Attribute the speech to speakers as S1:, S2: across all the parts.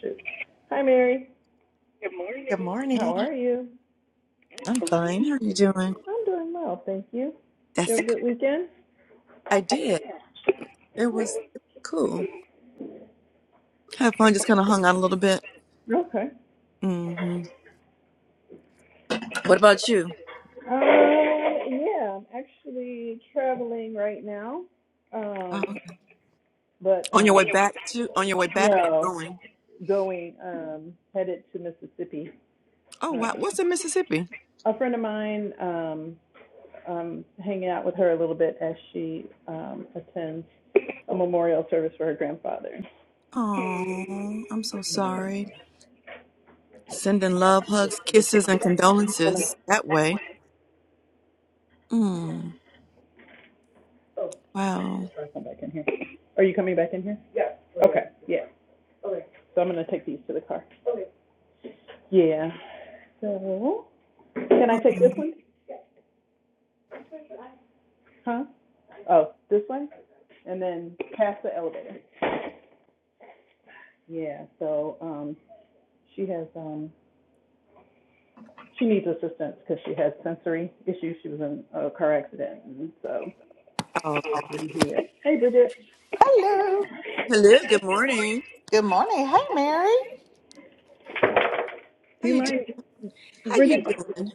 S1: Shoot. Hi, Mary.
S2: Good morning.
S1: How are you?
S2: I'm fine. How are you doing?
S1: I'm doing well, thank you. Did you
S2: That's
S1: have a
S2: good.
S1: good weekend?
S2: I did. It was cool. Had fun. Just kind of hung out a little bit.
S1: Okay.
S2: hmm What about you?
S1: Um, yeah, I'm actually traveling right now. Um,
S2: Oh, okay.
S1: but um,
S2: On your way back to? On your way back or
S1: no,
S2: going?
S1: going um, headed to Mississippi.
S2: Oh
S1: Uh,
S2: wow. What's in Mississippi?
S1: a friend of mine. Um, um, hanging out with her a little bit as she um, attends a memorial service for her grandfather.
S2: Oh, I'm so sorry. Sending love, hugs, kisses, and condolences that way. Mm,
S1: oh,
S2: wow.
S1: sorry, come back in here. Are you coming back in here? Yeah. Okay. Yeah. Okay, So I'm gonna take these to the car. okay. Yeah. So can I
S2: Oh,
S1: take this one? Huh? Oh, this one? And then past the elevator. Yeah, so um she has um she needs assistance because she has sensory issues. She was in a car accident and so
S3: Oh,
S2: okay.
S1: I'm here. Hey Bridget,
S3: hello.
S2: Hello. Good morning.
S3: Good morning. Hey, Mary.
S1: do
S2: How
S1: you
S2: you doing?
S1: mind
S2: How you
S1: Bridget,
S2: doing?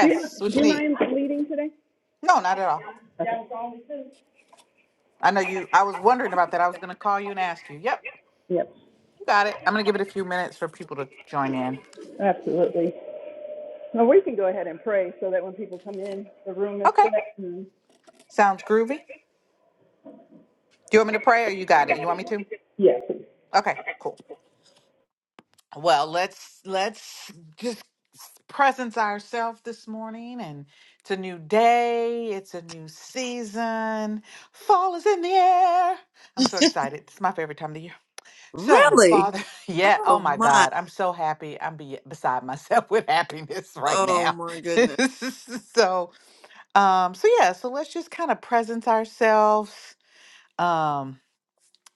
S1: do you do
S3: what you
S1: you
S3: need?
S1: mind leading today?
S3: No, not at all.
S1: Okay.
S3: I know you. I was wondering about that. I was going to call you and ask you. Yep,
S1: Yep.
S3: you got it. I'm going to give it a few minutes for people to join in.
S1: Absolutely. Now we can go ahead and pray so that when people come in, the room is
S3: Okay,
S1: set and
S3: sounds groovy. Do you want me to pray or you got it? You want me to?
S1: Yes.
S3: Okay, cool. Well, let's let's just presence ourselves this morning and it's a new day, it's a new season. Fall is in the air. I'm so excited. It's my favorite time of the year. So,
S2: Really?
S3: Father, yeah, oh
S2: Oh
S3: my
S2: my.
S3: God, I'm so happy. I'm be- beside myself with happiness right
S2: Oh
S3: now.
S2: my goodness.
S3: so, um, so yeah, so let's just kind of present ourselves. Um,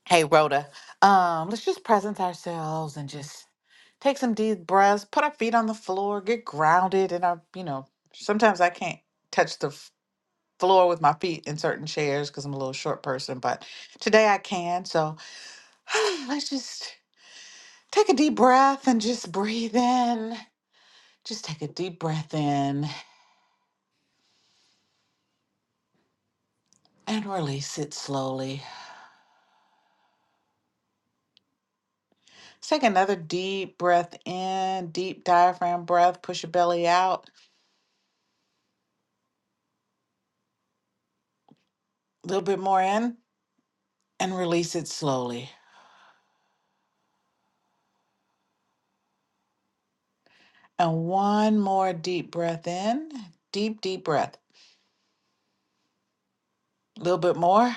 S3: hey, Rhoda, um, let's just present ourselves and just take some deep breaths, put our feet on the floor, get grounded. And I, you know, sometimes I can't touch the f- floor with my feet in certain chairs because I'm a little short person, but today I can. So, let's just Take a deep breath and just breathe in. Just take a deep breath in and release it slowly. Let's Take another deep breath in, deep diaphragm breath. Push your belly out a little bit more in and release it slowly. And one more deep breath in, deep, deep breath. A little bit more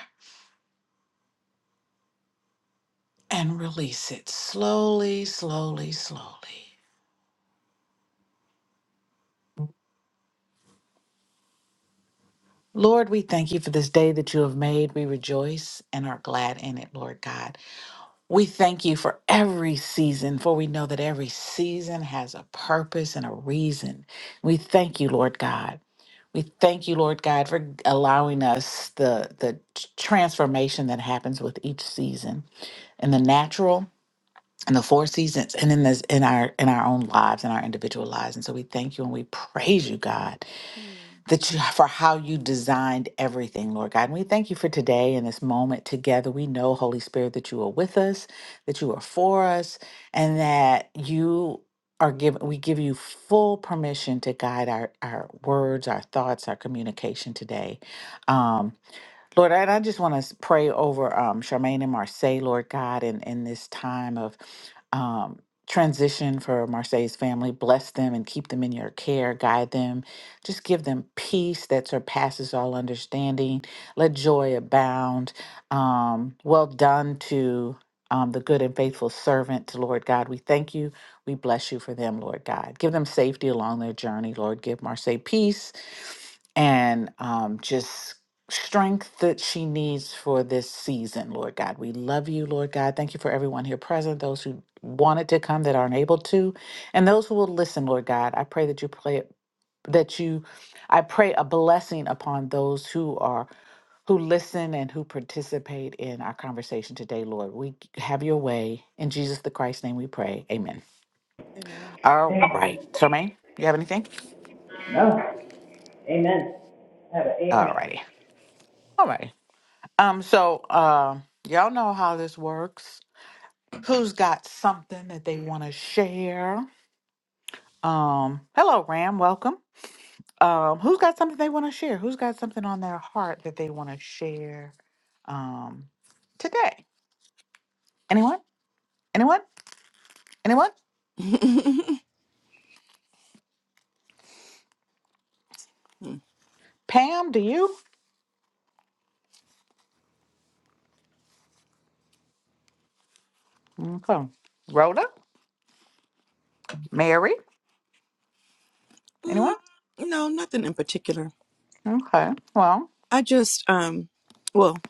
S3: and release it slowly, slowly, slowly. Lord, we thank you for this day that you have made. We rejoice and are glad in it, Lord God. We thank you for every season, for we know that every season has a purpose and a reason. We thank you, Lord God. We thank you, Lord God, for allowing us the, the t- transformation that happens with each season in the natural, in the four seasons, and in this in our in our own lives, in our individual lives. And so we thank you and we praise you, God
S2: Mhm.
S3: that you, for how you designed everything, Lord God. And we thank you for today and this moment together. We know, Holy Spirit, that you are with us, that you are for us, and that you are given we give you full permission to guide our, our words, our thoughts, our communication today. Um, Lord, and I just want to pray over um, Charmaine and Marseille, Lord God, in, in this time of um, transition for Marseille's family. Bless them and keep them in your care. Guide them. Just give them peace that surpasses all understanding. Let joy abound. Um, well done to um, the good and faithful servant, Lord God. We thank you. We bless you for them, Lord God. Give them safety along their journey, Lord. Give Marseille peace and um, just strength that she needs for this season, Lord God. We love you, Lord God. Thank you for everyone here present, those who wanted to come that aren't able to, and those who will listen, Lord God. I pray that you play that you I pray a blessing upon those who are who listen and who participate in our conversation today, Lord. We have your way. In Jesus the Christ's name we pray. Amen.
S2: Amen.
S3: All
S1: Yeah.
S3: right. Charmaine, you have anything?
S1: Oh, Amen.
S3: All
S1: amen.
S3: righty. All right. Um, so um y'all know how this works who's got something that they want to share. Um, hello, Ram. Welcome. Um, who's got something they want to share? Who's got something on their heart that they want to share um, today? Anyone? Anyone? Anyone? Pam, do you? Okay. Rhoda? Mary? Anyone?
S2: Mm, no, nothing in particular.
S3: Okay. Well,
S2: I just um well,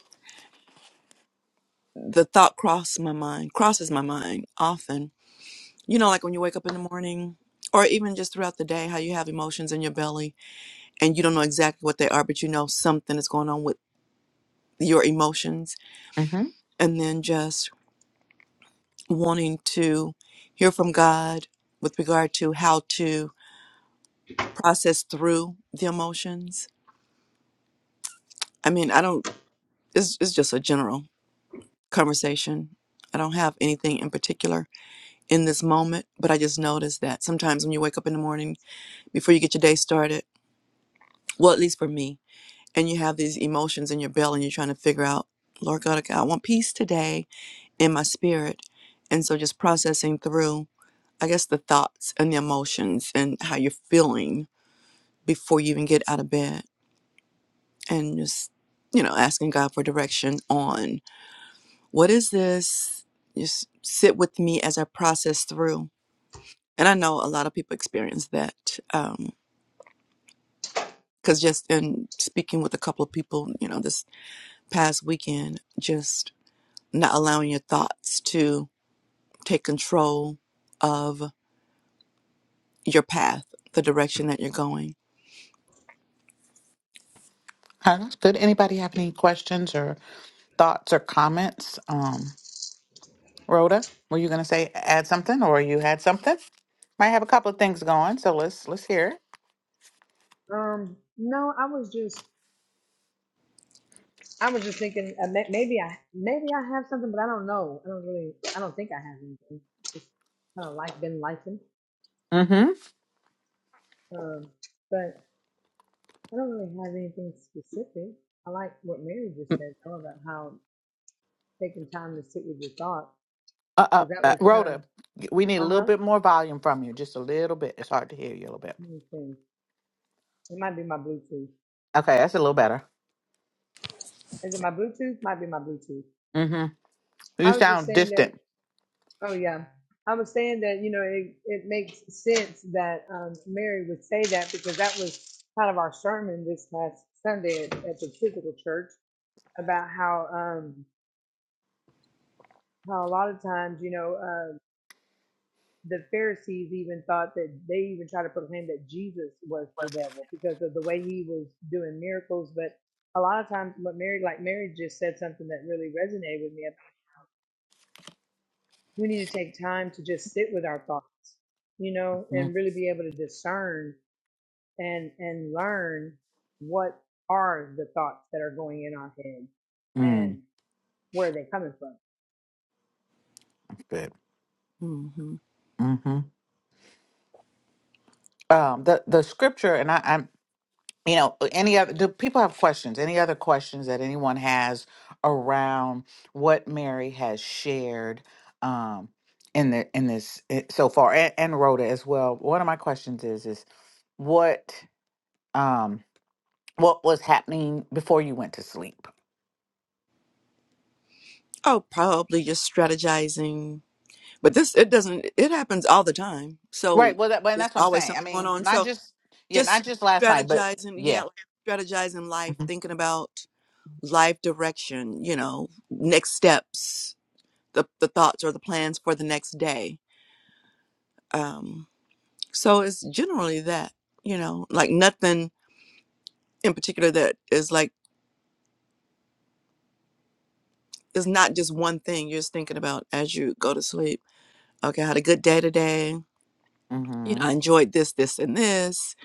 S2: the thought crossed my mind, crosses my mind often You know, like when you wake up in the morning or even just throughout the day, how you have emotions in your belly and you don't know exactly what they are, but you know something is going on with your emotions.
S3: mm-hmm.
S2: And then just wanting to hear from God with regard to how to process through the emotions. I mean, I don't, it's, it's just a general conversation. I don't have anything in particular in this moment, but I just noticed that sometimes when you wake up in the morning, before you get your day started, well, at least for me, and you have these emotions in your belly and you're trying to figure out, Lord God, okay, I want peace today in my spirit. And so just processing through, I guess, the thoughts and the emotions and how you're feeling before you even get out of bed and just, you know, asking God for direction on what is this? Just sit with me as I process through. And I know a lot of people experience that. Um, because just in speaking with a couple of people, you know, this past weekend, just not allowing your thoughts to take control of your path, the direction that you're going.
S3: that's good. Anybody have any questions or thoughts or comments? Um. Rhoda, were you gonna say add something or you had something? Might have a couple of things going, so let's let's hear it.
S4: Um, no, I was just, I was just thinking uh, may- maybe I, maybe I have something, but I don't know. I don't really, I don't think I have anything. It's kind of like been lifing.
S3: Mm-hmm.
S4: Um, but I don't really have anything specific. I like what Mary just said though, about how taking time to sit with your thoughts,
S3: Uh, uh,
S4: because that
S3: uh,
S4: was kind
S3: Rhoda,
S4: of,
S3: we need a
S4: uh
S3: little
S4: huh,
S3: bit more volume from you, just a little bit. It's hard to hear you a little bit.
S4: thing. It might be my Bluetooth.
S3: Okay, that's a little better.
S4: Is it my Bluetooth? Might be my Bluetooth.
S3: Mm-hmm. You
S4: I was just
S3: sound
S4: saying that
S3: distant.
S4: Oh yeah, I was saying that you know it, it makes sense that um, Mary would say that because that was kind of our sermon this past Sunday at, at the physical church about how um, how a lot of times you know uh, the Pharisees even thought that they even tried to proclaim that Jesus was the devil because of the way he was doing miracles, but a lot of times what Mary like Mary just said something that really resonated with me. We need to take time to just sit with our thoughts you know, and really be able to discern and and learn what are the thoughts that are going in our head
S3: Mm-hmm.
S4: and where are they coming from.
S3: Good.
S2: hmm
S3: Mm-hmm. Um, the the scripture, and I, you know uh, any other do people have questions any other questions that anyone has around what mary has shared um in the in this eh, so far and, and rhoda as well one of my questions is is what um what was happening before you went to sleep
S2: Oh, probably just strategizing. But this, it doesn't, it happens all the time.
S3: right
S2: So
S3: well that well,
S2: there's
S3: that's what i'm
S2: always
S3: saying i
S2: something going
S3: mean
S2: on.
S3: not
S2: So
S3: just yeah not
S2: just
S3: just last night but
S2: strategizing,
S3: yeah
S2: yeah, like strategizing life, thinking about life direction, you know, next steps, the, the thoughts or the plans for the next day. Um, so it's generally that, you know, like nothing in particular that is like it's not just one thing you're just thinking about as you go to sleep. Okay, I had a good day today. You
S3: mm-hmm
S2: know, I enjoyed this, this, and this.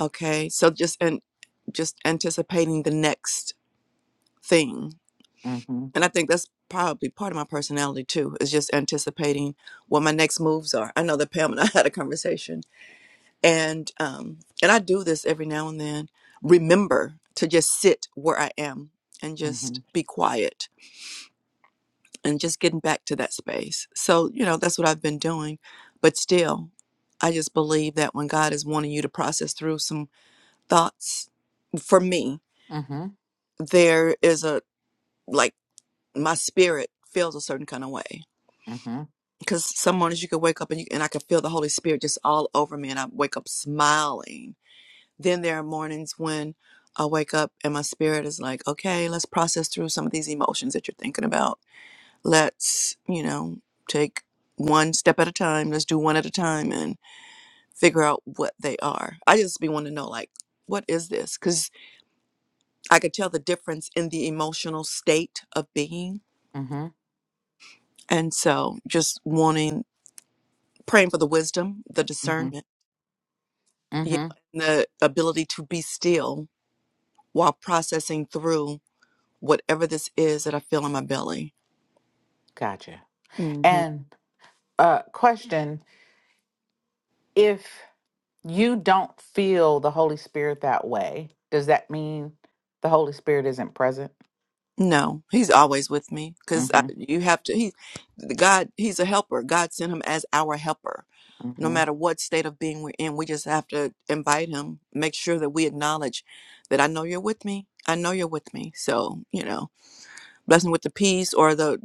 S2: Okay, so just and just anticipating the next thing,
S3: mm-hmm
S2: and I think that's probably part of my personality too is just anticipating what my next moves are. I know that Pam and I had a conversation, and um, and I do this every now and then. Remember to just sit where I am and
S3: mm-hmm
S2: just be quiet and just getting back to that space. So, you know, that's what I've been doing. But still, I just believe that when God is wanting you to process through some thoughts, for me,
S3: mm-hmm
S2: there is a like my spirit feels a certain kind of way.
S3: mm-hmm
S2: Because some mornings you can wake up and you, and I can feel the Holy Spirit just all over me, and I wake up smiling. Then there are mornings when I wake up and my spirit is like, okay, let's process through some of these emotions that you're thinking about let's you know take one step at a time let's do one at a time and figure out what they are i just be wanting to know like what is this because i could tell the difference in the emotional state of being
S3: mm-hmm
S2: and so just wanting praying for the wisdom the
S3: mm-hmm
S2: discernment you
S3: mm-hmm
S2: know, and the ability to be still while processing through whatever this is that i feel in my belly
S3: gotcha
S2: hmm
S3: And Uh, question If you don't feel the Holy Spirit that way, does that mean the Holy Spirit isn't present?
S2: no he's always with me
S3: Mm
S2: because
S3: hmm.
S2: you have to He The God, He's a helper. God sent Him as our helper.
S3: Mm
S2: No
S3: hmm.
S2: matter what state of being we're in, we just have to invite Him, make sure that we acknowledge that I know you're with me. I know you're with me. So, you know, bless me with the peace or the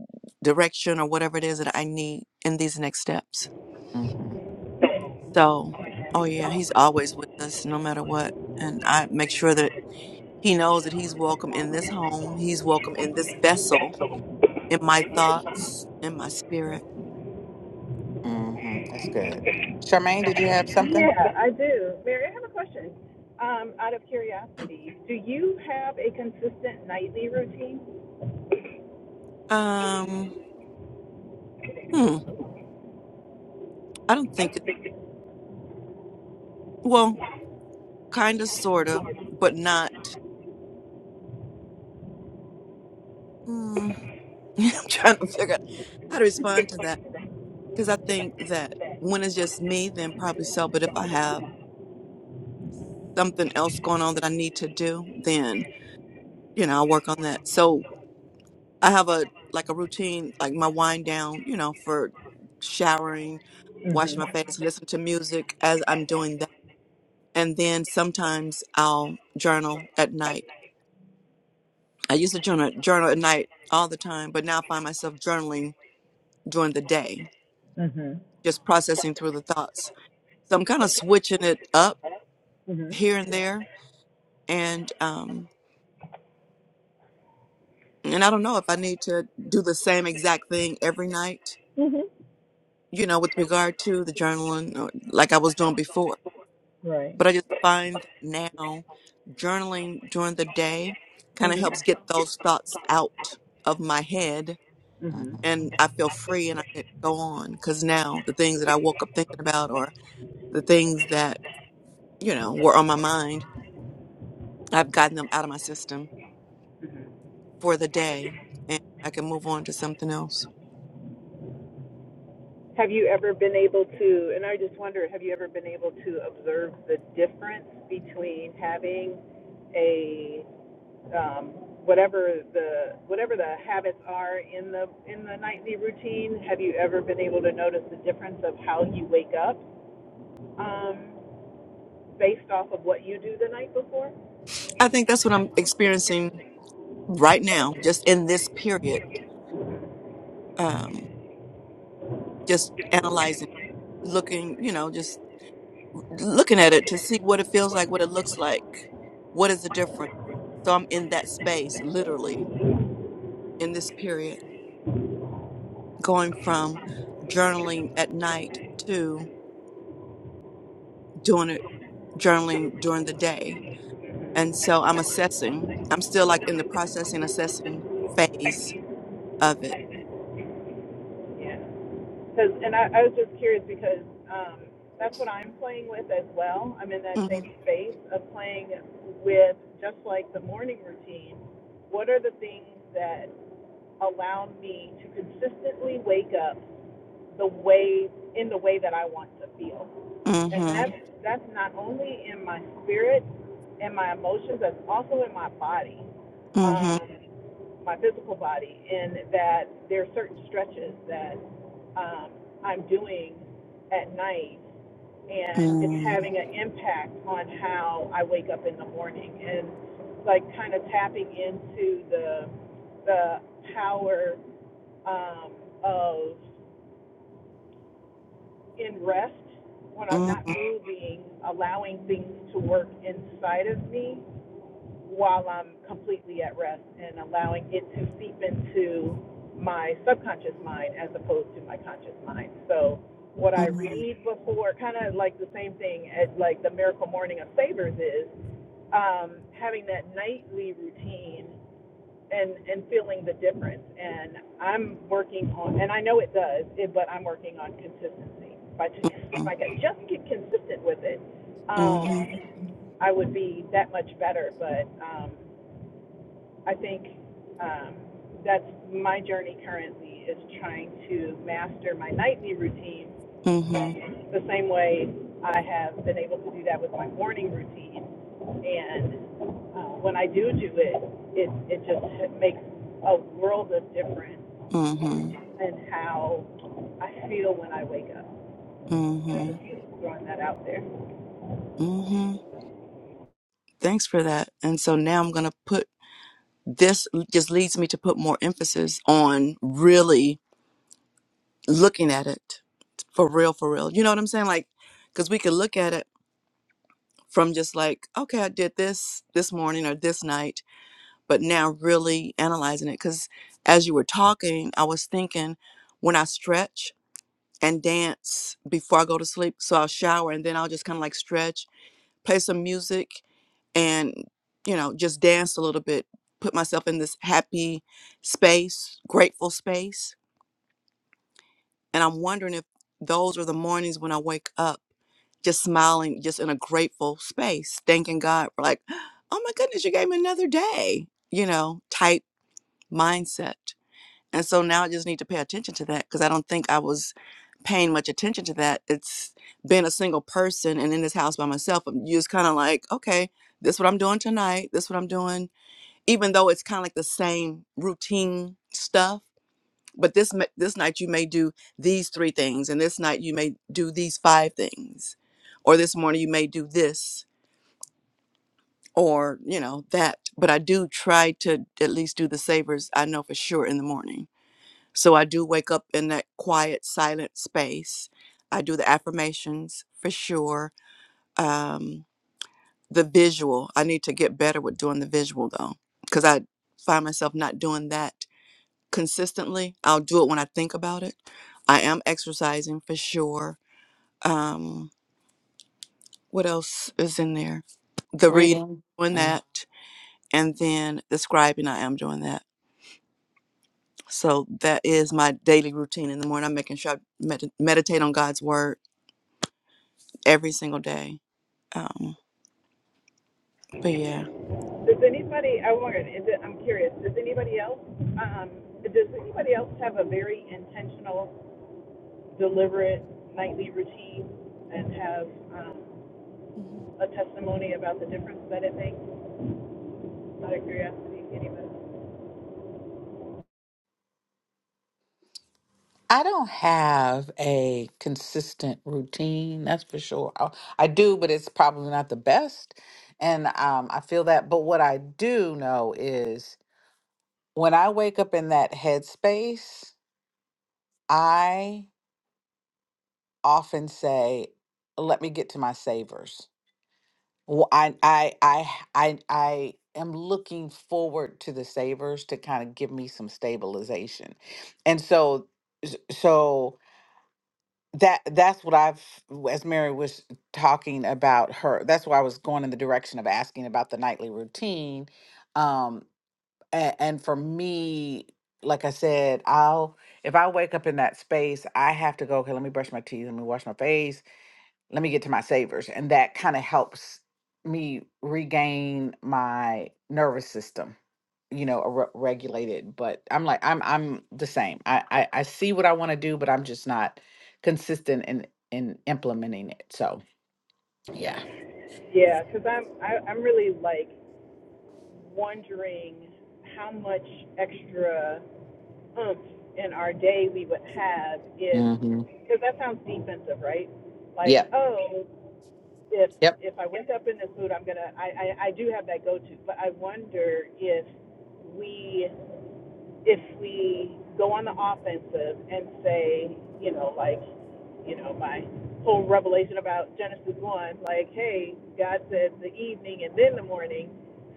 S2: direction or whatever it is that I need in these next steps.
S3: Mm hmm.
S2: So, oh yeah, He's always with us no matter what. And I make sure that He knows that He's welcome in this home, He's welcome in this vessel, in my thoughts, in my spirit.
S3: Mm hmm. That's good. Charmaine, did you have something?
S1: Yeah, I do. Mary, I have a question. Um, out of curiosity, do you have a consistent nightly routine?
S2: Um, hmm. I don't think. Well, kind of, sort of, but not. Hmm. I'm trying to figure out how to respond to that because I think that when it's just me, then probably so. But if I have something else going on that I need to do, then, you know, I'll work on that. So I have a like a routine, like my wind down, you know, for showering, washing
S1: Mhm.
S2: my face, listen to music as I'm doing that. And then sometimes I'll journal at night. I used to journal, journal at night all the time, but now I find myself journaling during the day,
S1: Mhm.
S2: just processing through the thoughts. So I'm kind of switching it up
S1: Mhm.
S2: here and there, and um, and I don't know if I need to do the same exact thing every night,
S1: Mm-hmm.
S2: you know, with regard to the journaling, or like I was doing before.
S1: Right.
S2: But I just find that now journaling during the day kind of helps
S1: Mm-hmm.
S2: get those thoughts out of my head.
S3: mm hmm
S1: Mhm.
S2: And I feel free and I can go on because now the things that I woke up thinking about or the things that, you know, were on my mind I've gotten them out of my system for the day and I can move on to something else.
S1: Have you ever been able to, and I just wonder, have you ever been able to observe the difference between having a um, whatever the whatever the habits are in the in the nightly routine? Have you ever been able to notice the difference of how you wake up um, based off of what you do the night before?
S2: I think that's what I'm experiencing right now, just in this period. Um, just analyzing, looking, you know, just looking at it to see what it feels like, what it looks like, what is the difference. So I'm in that space, literally, in this period, going from journaling at night to doing it journaling during the day And so I'm assessing. I'm still like in the processing, assessing phase of it.
S1: Yeah. Because, and I, I was just curious because um, that's what I'm playing with as well. I'm in that
S2: Mhm,
S1: same space of playing with just like the morning routine. What are the things that allow me to consistently wake up the way in the way that I want to feel? And
S2: mhm,
S1: that's that's not only in my spirit and my emotions, that's also in my body.
S2: mhm,
S1: Um, my physical body and that there are certain stretches that um, I'm doing at night and it's
S2: mhm,
S1: having an impact on how I wake up in the morning and like kind of tapping into the the power um, of in rest when I'm
S2: mhm,
S1: not moving, allowing things to work inside of me while I'm completely at rest and allowing it to seep into my subconscious mind as opposed to my conscious mind. So what I
S2: mhm,
S1: read before, kind of like the same thing as like the Miracle Morning of Savers is um, having that nightly routine and and feeling the difference. And I'm working on, and I know it does, it, but I'm working on consistency. If I just, if
S2: mhm,
S1: I could just get consistent with it, um, I would be that much better. But um, I think um, that's my journey currently is trying to master my nightly routine
S2: mhm,
S1: the same way I have been able to do that with my morning routine. And uh, when I do do it, it it just it makes a world of difference
S2: mhm,
S1: in how I feel when I wake up. I'm
S2: mhm,
S1: just throwing that out there.
S2: mhm. Thanks for that. And so now I'm going to put this just leads me to put more emphasis on really looking at it for real, for real. You know what I'm saying? Like, because we could look at it from just like, okay, I did this this morning or this night but now really analyzing it because as you were talking i was thinking when i stretch and dance before i go to sleep so i'll shower and then i'll just kind of like stretch play some music and you know just dance a little bit put myself in this happy space grateful space and i'm wondering if those are the mornings when i wake up just smiling just in a grateful space thanking god for like oh my goodness you gave me another day you know type mindset And so now I just need to pay attention to that because I don't think I was paying much attention to that. It's been a single person and in this house by myself. I'm just kind of like, okay, this what I'm doing tonight. This what I'm doing, even though it's kind of like the same routine stuff. But this ma- this night you may do these three things, and this night you may do these five things, or this morning you may do this, or you know that. But I do try to at least do the savers I know for sure in the morning so I do wake up in that quiet, silent space. I do the affirmations for sure. Um, the visual, I need to get better with doing the visual though, because I find myself not doing that consistently. I'll do it when I think about it. I am exercising for sure. Um, what else is in there? The reading,
S3: Reading.
S2: doing
S3: Mm.
S2: that, and then the scribing, I am doing that. So that is my daily routine in the morning. I'm making sure I med- meditate on God's word every single day. Um, but yeah.
S1: Does anybody? I wondered. I'm curious. Does anybody else? Um, does anybody else have a very intentional deliberate nightly routine and have um,
S2: Mhm.
S1: a testimony about the difference that it makes out of curiosity anyway.
S3: I don't have a consistent routine, that's for sure. I, I do, but it's probably not the best. And um, I feel that. But what I do know is when I wake up in that headspace, I often say, "Let me get to my savors." Wh- I I I I I am looking forward to the savors to kind of give me some stabilization, and so s- so that that's what I've as Mary was talking about her. That's why I was going in the direction of asking about the nightly routine um, and, and for me like i said i'll if i wake up in that space i have to go okay let me brush my teeth let me wash my face let me get to my savers and that kind of helps me regain my nervous system you know a re- regulated but i'm like i'm i'm the same i i, I see what i want to do but i'm just not consistent in in implementing it so yeah
S1: Yeah, because I'm I, I'm really like wondering how much extra oomph in our day we would have if
S3: mm-hmm.
S1: because that sounds defensive, right? Like
S3: yep
S1: oh if
S3: yep
S1: if I wake up in this mood, I'm gonna I, I I do have that go to, but I wonder if we if we go on the offensive and say, you know, like, you know, my whole revelation about Genesis 1, like, hey, God said the evening and then the morning.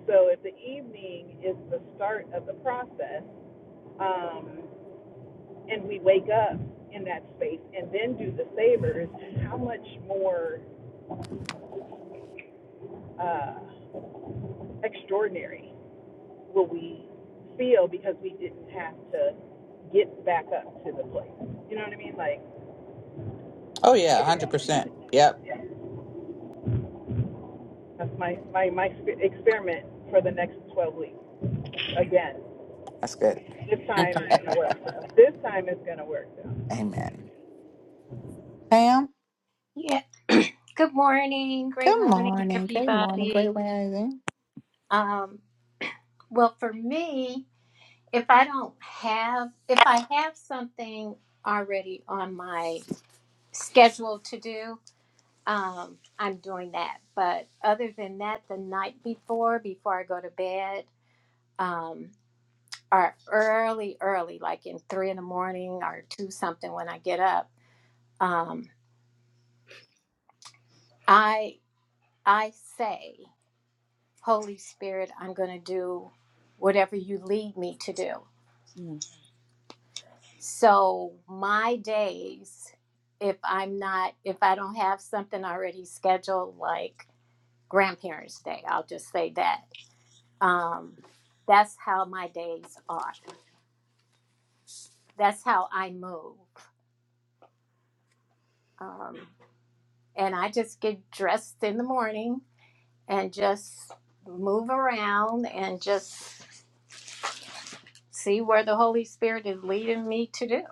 S1: So if the evening is the start of the process, um, and we wake up in that space and then do the savors, how much more uh, extraordinary will we feel because we didn't have to get back up to the place? You know what I mean? Like,
S3: oh yeah 100% yep
S1: That's my, my, my experiment for the next 12 weeks. Again,
S3: that's good
S1: this time it's going to work. This time it's going to work.
S3: amen pam
S5: Yeah. Good morning. Great
S3: Good
S5: morning,
S3: morning. Good morning. Great
S5: everybody.
S3: rising.
S5: Um, well, for me, if I don't have, if I have something already on my schedule to do, um, I'm doing that. But other than that, the night before, before I go to bed, um, or early, early, like in three in the morning or two something when I get up, um, I I say. Holy Spirit, I'm going to do whatever you lead me to do.
S2: Mm.
S5: So, my days, if I'm not, if I don't have something already scheduled, like Grandparents' Day, I'll just say that. Um, that's how my days are. That's how I move. Um, and I just get dressed in the morning and just move around and just see where the Holy Spirit is leading me to do.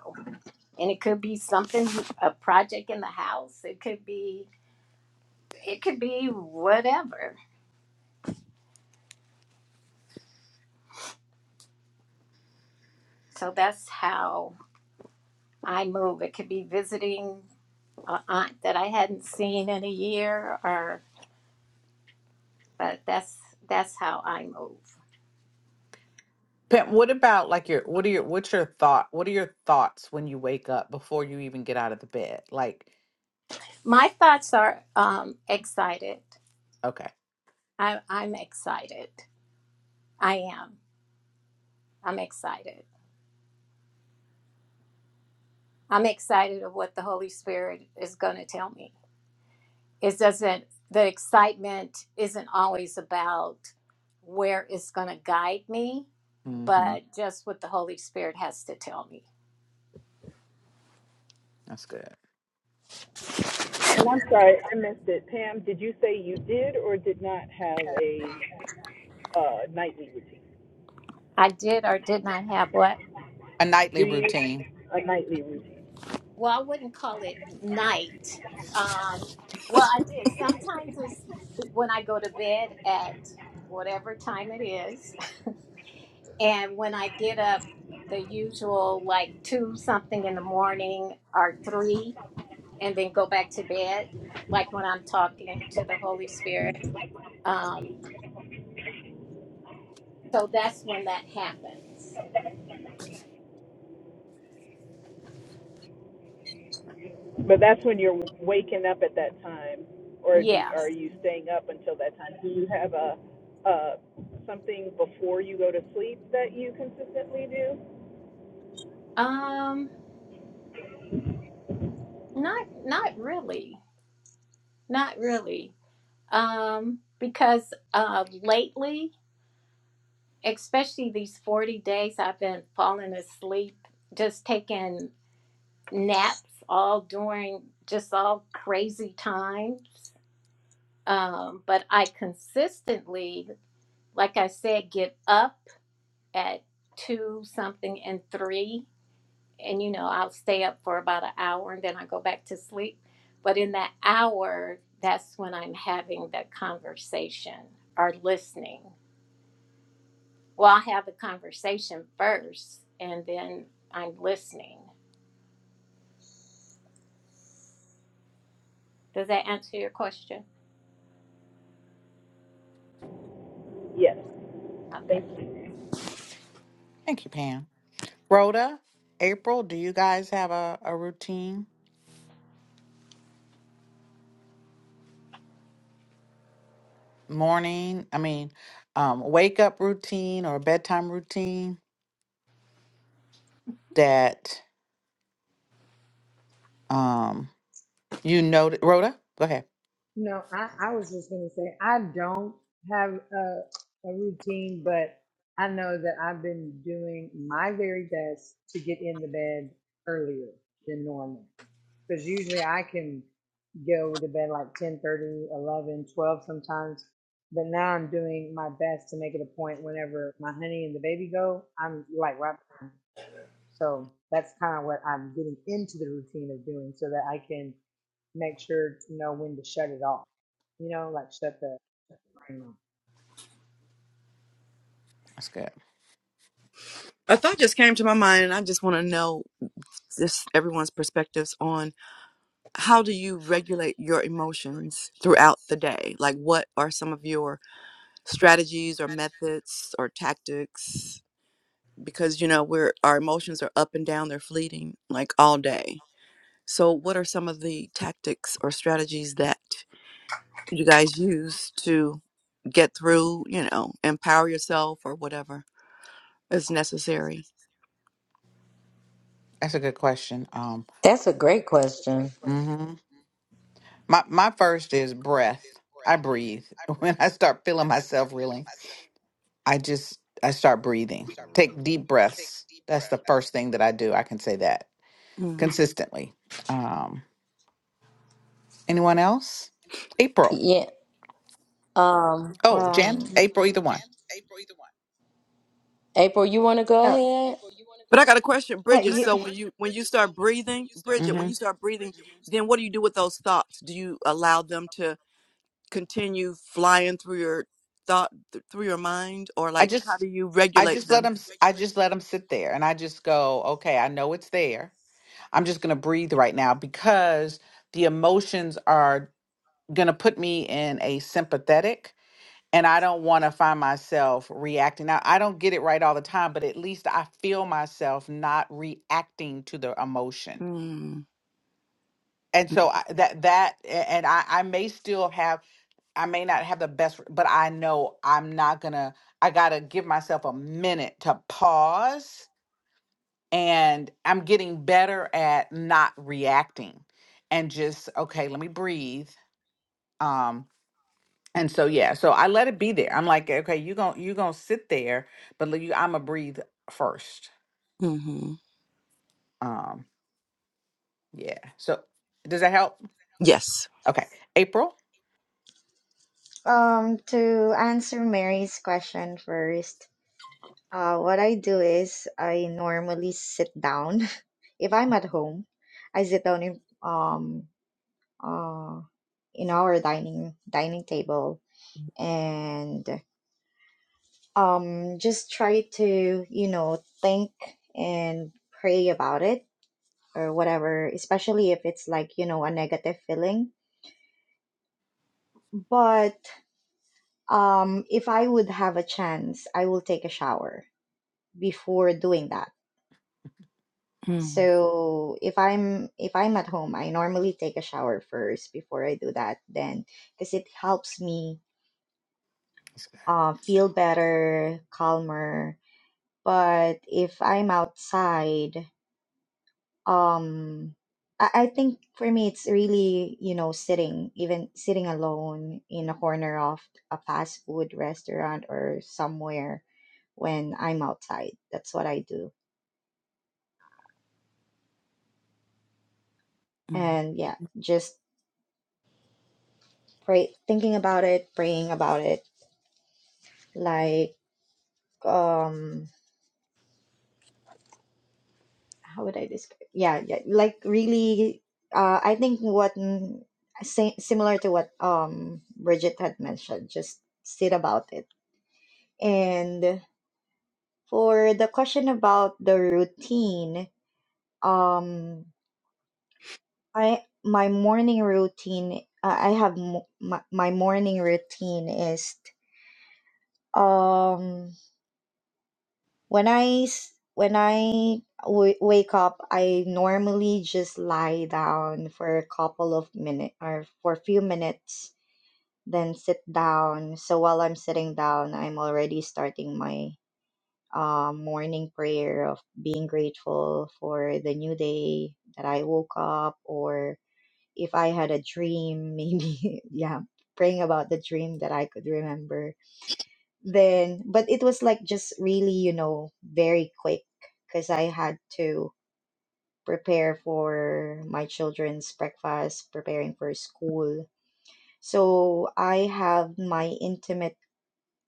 S5: and it could be something a project in the house it could be it could be whatever so that's how i move it could be visiting an aunt that i hadn't seen in a year or but that's that's how i move
S3: Pam, what about like your what are your what's your thought? What are your thoughts when you wake up before you even get out of the bed? Like,
S5: my thoughts are um excited
S3: okay.
S5: I, i'm excited i am i'm excited i'm excited of what the holy spirit is going to tell me it doesn't the excitement isn't always about where it's going to guide me
S3: Mm-hmm.
S5: but just what the holy spirit has to tell me
S3: That's good.
S1: And I'm sorry, I missed it. Pam, did you say you did or did not have a uh, nightly routine?
S5: i did or did not have what
S3: A
S1: Do
S3: nightly
S1: you
S3: routine.
S1: a nightly routine?
S5: well i wouldn't call it night um, well i did sometimes it's when i go to bed at whatever time it is and when i get up the usual like two something in the morning or three and then go back to bed, like when I'm talking to the Holy Spirit. Um, so that's when that happens.
S1: But that's when you're waking up at that time, or do
S5: Yeah.
S1: you, are you staying up until that time? Do you have a, a something before you go to sleep that you consistently do?
S5: Um, not not really, not really. Um, because uh, lately, especially these forty days, I've been falling asleep, just taking naps all during just all crazy times. Um, but I consistently, like I said, get up at two something and three and you know i'll stay up for about an hour and then i go back to sleep but in that hour that's when i'm having the conversation or listening well i have the conversation first and then i'm listening does that answer your question
S1: Yes.
S5: okay
S1: Thank you.
S3: Thank you, Pam. Rhoda, April, do you guys have a, a routine? Morning, I mean, um, wake up routine or bedtime routine that um you know Rhoda, go ahead.
S4: You know, I, I was just gonna say I don't have a, a routine, but I know that I've been doing my very best to get in the bed earlier than normal because usually I can go to bed like 10 30, 11, 12, sometimes but now i'm doing my best to make it a point whenever my honey and the baby go i'm like right behind So that's kind of what I'm getting into the routine of doing so that I can make sure to know when to shut it off. You know, like shut the, shut the brain off.
S3: That's good.
S2: A thought just came to my mind, and I just want to know just everyone's perspectives on how do you regulate your emotions throughout the day? Like, what are some of your strategies or methods or tactics? Because you know we're our emotions are up and down; they're fleeting, like all day. So, what are some of the tactics or strategies that you guys use to get through? You know, empower yourself or whatever. is necessary
S3: That's a good question. Um
S6: That's a great question.
S3: mm-hmm. My my first is breath. I breathe. When I start feeling myself reeling, I just I start breathing. Take deep breaths. That's the first thing that I do. I can say that
S2: Mm.
S3: consistently. Um, anyone else? April.
S6: Yeah. Um,
S3: Oh, Jan.
S7: Um,
S3: April. Either one.
S6: April, you want to go
S7: uh, uh,
S6: ahead?
S2: But I got a question,
S7: I
S2: Bridget.
S7: you,
S2: So when you when you start breathing, Bridget,
S3: hmm
S2: when you start breathing, then what do you do with those thoughts? Do you allow them to continue flying through your thought th- through your mind, or
S3: I
S2: like how
S3: just
S2: do you
S3: I
S2: regulate
S3: just let
S2: them?
S3: them. I just let them sit there, and I just go. Okay, I know it's there. I'm just gonna breathe right now because the emotions are gonna put me in a sympathetic and I don't want to find myself reacting. Now, I don't get it right all the time, but at least I feel myself not reacting to the emotion. And so I, that that a- and I I may still have I may not have the best, but I know I'm not gonna. I gotta give myself a minute to pause, and I'm getting better at not reacting and just okay. Let me breathe. Um And so yeah, so I let it be there. I'm like, okay, you gon' you gonna sit there, but let you I'ma breathe first.
S2: Mm-hmm.
S3: Um, yeah. So does that help?
S2: Yes.
S3: Okay. April,
S7: do you do with those thoughts? um, to answer Mary's question first, uh, what I do is I normally sit down. If I'm at home, I sit down in um uh in our dining dining table and um just try to you know think and pray about it or whatever, especially if it's like, you know, a negative feeling. But um, if I would have a chance, I will take a shower before doing that.
S2: Mm,
S7: So if I'm if I'm at home, I normally take a shower first before I do that then because it helps me uh, feel better, calmer. But if I'm outside, um I, I think for me it's really you know sitting even sitting alone in a corner of a fast food restaurant or somewhere when i'm outside that's what i do
S2: mm.
S7: and yeah just pray thinking about it praying about it like um how would i describe yeah, yeah like really uh i think what mm, sa- similar to what um bridget had mentioned just sit about it and For the question about the routine, um, I my morning routine. Uh, I have mo- my, my morning routine is um when I s- when I w- wake up, I normally just lie down for a couple of minutes or for a few minutes, then sit down. So while I'm sitting down, I'm already starting my um, morning prayer of being grateful for the new day that I woke up, or if I had a dream, maybe, yeah, praying about the dream that I could remember. Then, but it was like just really, you know, very quick because I had to prepare for my children's breakfast, preparing for school. So I have my intimate,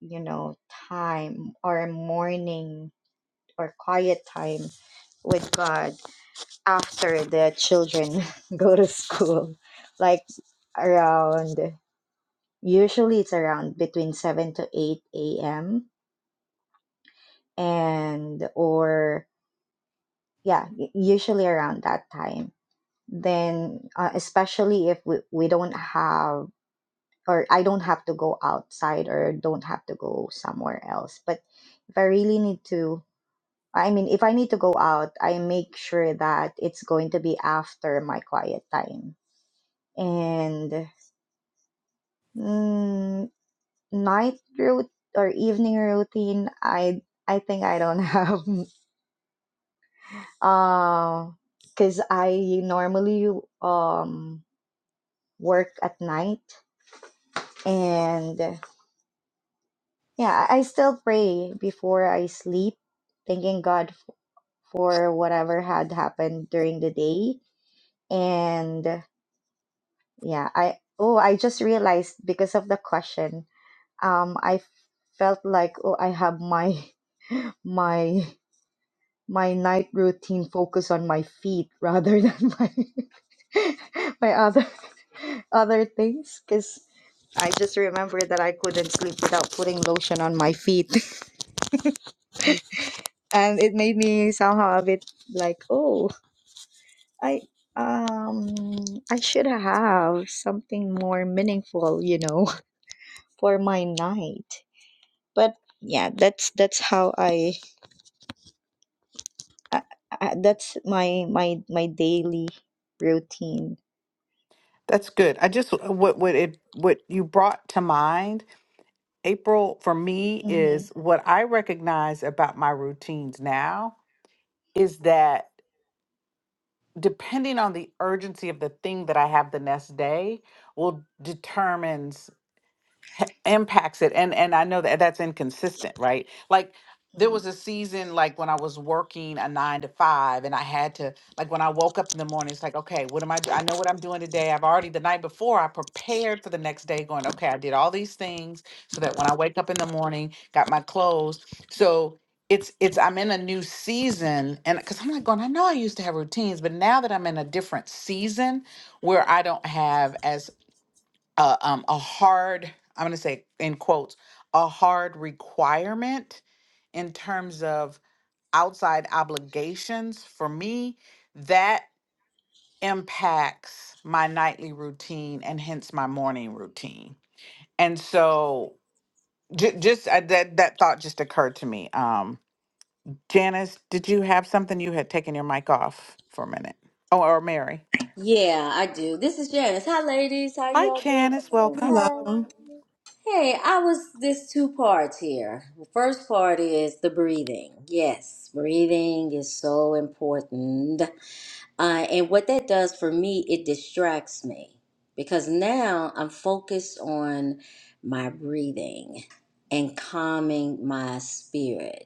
S7: you know, time or morning or quiet time with God after the children go to school. Like around, usually it's around between 7 to 8 a.m. and or yeah, u- usually around that time. Then, uh, especially if we, we don't have or I don't have to go outside or don't have to go somewhere else. But if I really need to I mean, if I need to go out, I make sure that it's going to be after my quiet time. And mm, night route or evening routine, I I think I don't have. Uh, cause I normally um work at night, and yeah, I I still pray before I sleep, thanking God f- for whatever had happened during the day, and Yeah, I oh, I just realized because of the question, um, I felt like oh, I have my my my night routine focus on my feet rather than my my other other things because I just remember that I couldn't sleep without putting lotion on my feet, and it made me somehow a bit like oh, I um I should have something more meaningful, you know, for my night. but yeah that's that's how i, I, I that's my my my daily routine
S3: that's good. I just uh, what what it what you brought to mind, April, for me
S7: mm-hmm,
S3: is what I recognize about my routines now is that depending on the urgency of the thing that I have the next day will determines h- impacts it and and i know that that's inconsistent right like there was a season like when i was working a nine to five and i had to like when i woke up in the morning it's like okay what am i do- i know what i'm doing today i've already the night before i prepared for the next day going okay i did all these things so that when i wake up in the morning got my clothes so it's it's i'm in a new season and because i'm like going i know i used to have routines but now that i'm in a different season where i don't have as a um a hard i'm going to say in quotes a hard requirement in terms of outside obligations for me that impacts my nightly routine and hence my morning routine and so j- just uh, that that thought just occurred to me um janice did you have something you had taken your mic off for a minute oh or mary
S6: Yeah, I do. This is Janice. Hi, ladies. How you
S3: hi
S6: all
S3: janice
S6: doing?
S3: welcome
S2: Hello.
S6: Hey, I was this two parts here. The first part is the breathing. Yes, breathing is so important. Uh, and what that does for me, it distracts me because now I'm focused on my breathing and calming my spirit.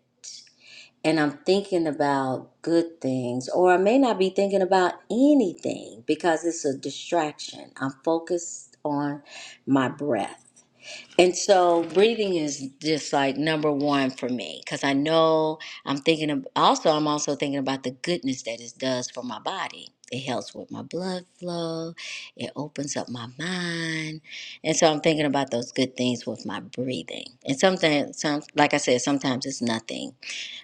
S6: and I'm thinking about good things, or I may not be thinking about anything because it's a distraction. I'm focused on my breath. And so breathing is just like number one for me because I know I'm thinking of also, I'm also thinking about the goodness that it does for my body. It helps with my blood flow, it opens up my mind. And so I'm thinking about those good things with my breathing. And sometimes, some, like I said, sometimes it's nothing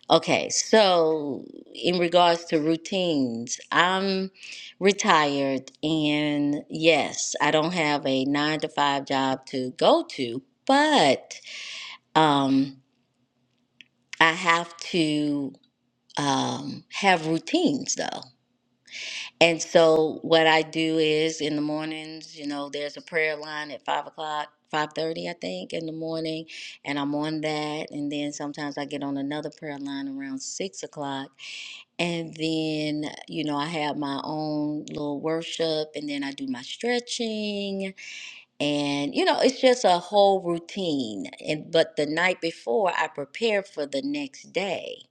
S6: Okay, so in regards to routines, I'm retired, and yes, I don't have a nine to five job to go to, but um, I have to um, have routines though. And so what I do is in the mornings, you know, there's a prayer line at five o'clock, five thirty, I think, in the morning, and I'm on that, and then sometimes I get on another prayer line around six o'clock And then, you know, I have my own little worship and then I do my stretching and you know, it's just a whole routine. And but the night before I prepare for the next day.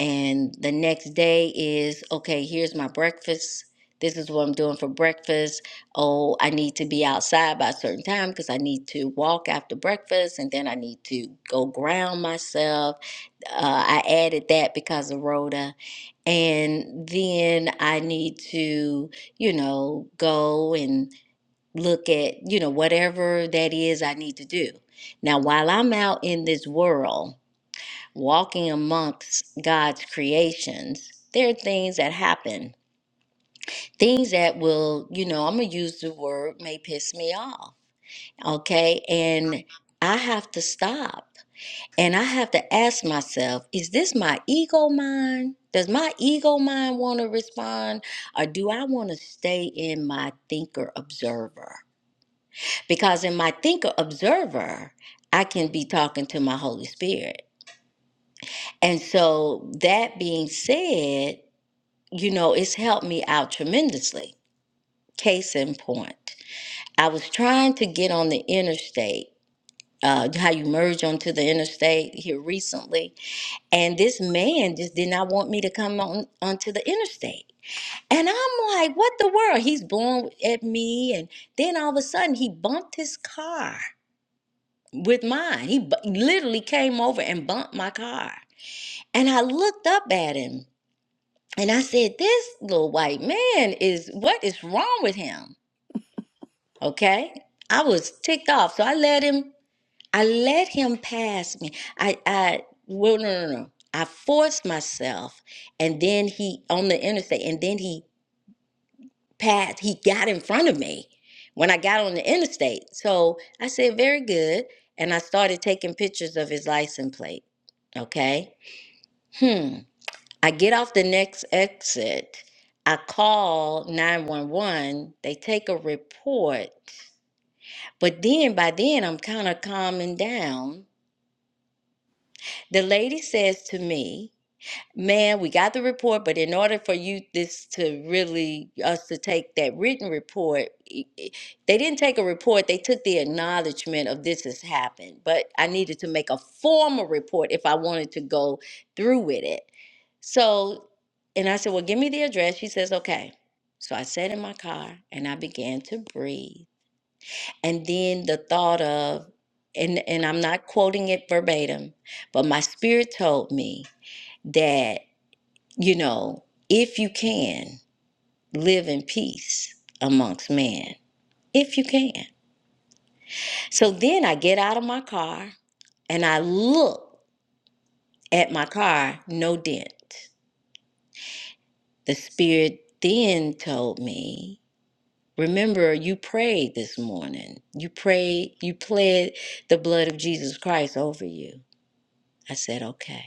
S6: And the next day is okay, here's my breakfast. This is what I'm doing for breakfast. Oh, I need to be outside by a certain time because I need to walk after breakfast and then I need to go ground myself uh, I added that because of Rhoda. And then I need to, you know, go and look at, you know, whatever that is I need to do. Now, while I'm out in this world, walking amongst God's creations, there are things that happen, things that will, you know, I'm going to use the word may piss me off. Okay. And I have to stop. And I have to ask myself, is this my ego mind? Does my ego mind want to respond? Or do I want to stay in my thinker observer? Because in my thinker observer, I can be talking to my Holy Spirit. And so, that being said, you know, it's helped me out tremendously. Case in point, I was trying to get on the interstate, uh, how you merge onto the interstate here recently And this man just did not want me to come on onto the interstate. And I'm like, what the world? He's blowing at me. And then all of a sudden, he bumped his car with mine. He bu- literally came over and bumped my car. And I looked up at him and I said, this little white man is, what is wrong with him? Okay. I was ticked off. So I let him I let him pass me. I, I, well, no, no, no. no. I forced myself, and then he on the interstate, and then he passed. He got in front of me when I got on the interstate. So I said, "Very good," and I started taking pictures of his license plate. Okay. Hmm. I get off the next exit. I call 911. They take a report. But then by then, I'm kind of calming down. The lady says to me, Man, we got the report, but in order for you this to really us to take that written report, i- i- they didn't take a report, they took the acknowledgement of this has happened. But I needed to make a formal report if I wanted to go through with it. So, and I said, Well, give me the address. She says, Okay. So I sat in my car and I began to breathe. And then the thought of, and, and I'm not quoting it verbatim, but my spirit told me that you know, if you can live in peace amongst men, if you can. So then I get out of my car and I look at my car, no dent. The Spirit then told me, Remember, you prayed this morning. You prayed, you pled the blood of Jesus Christ over you. I said, Okay.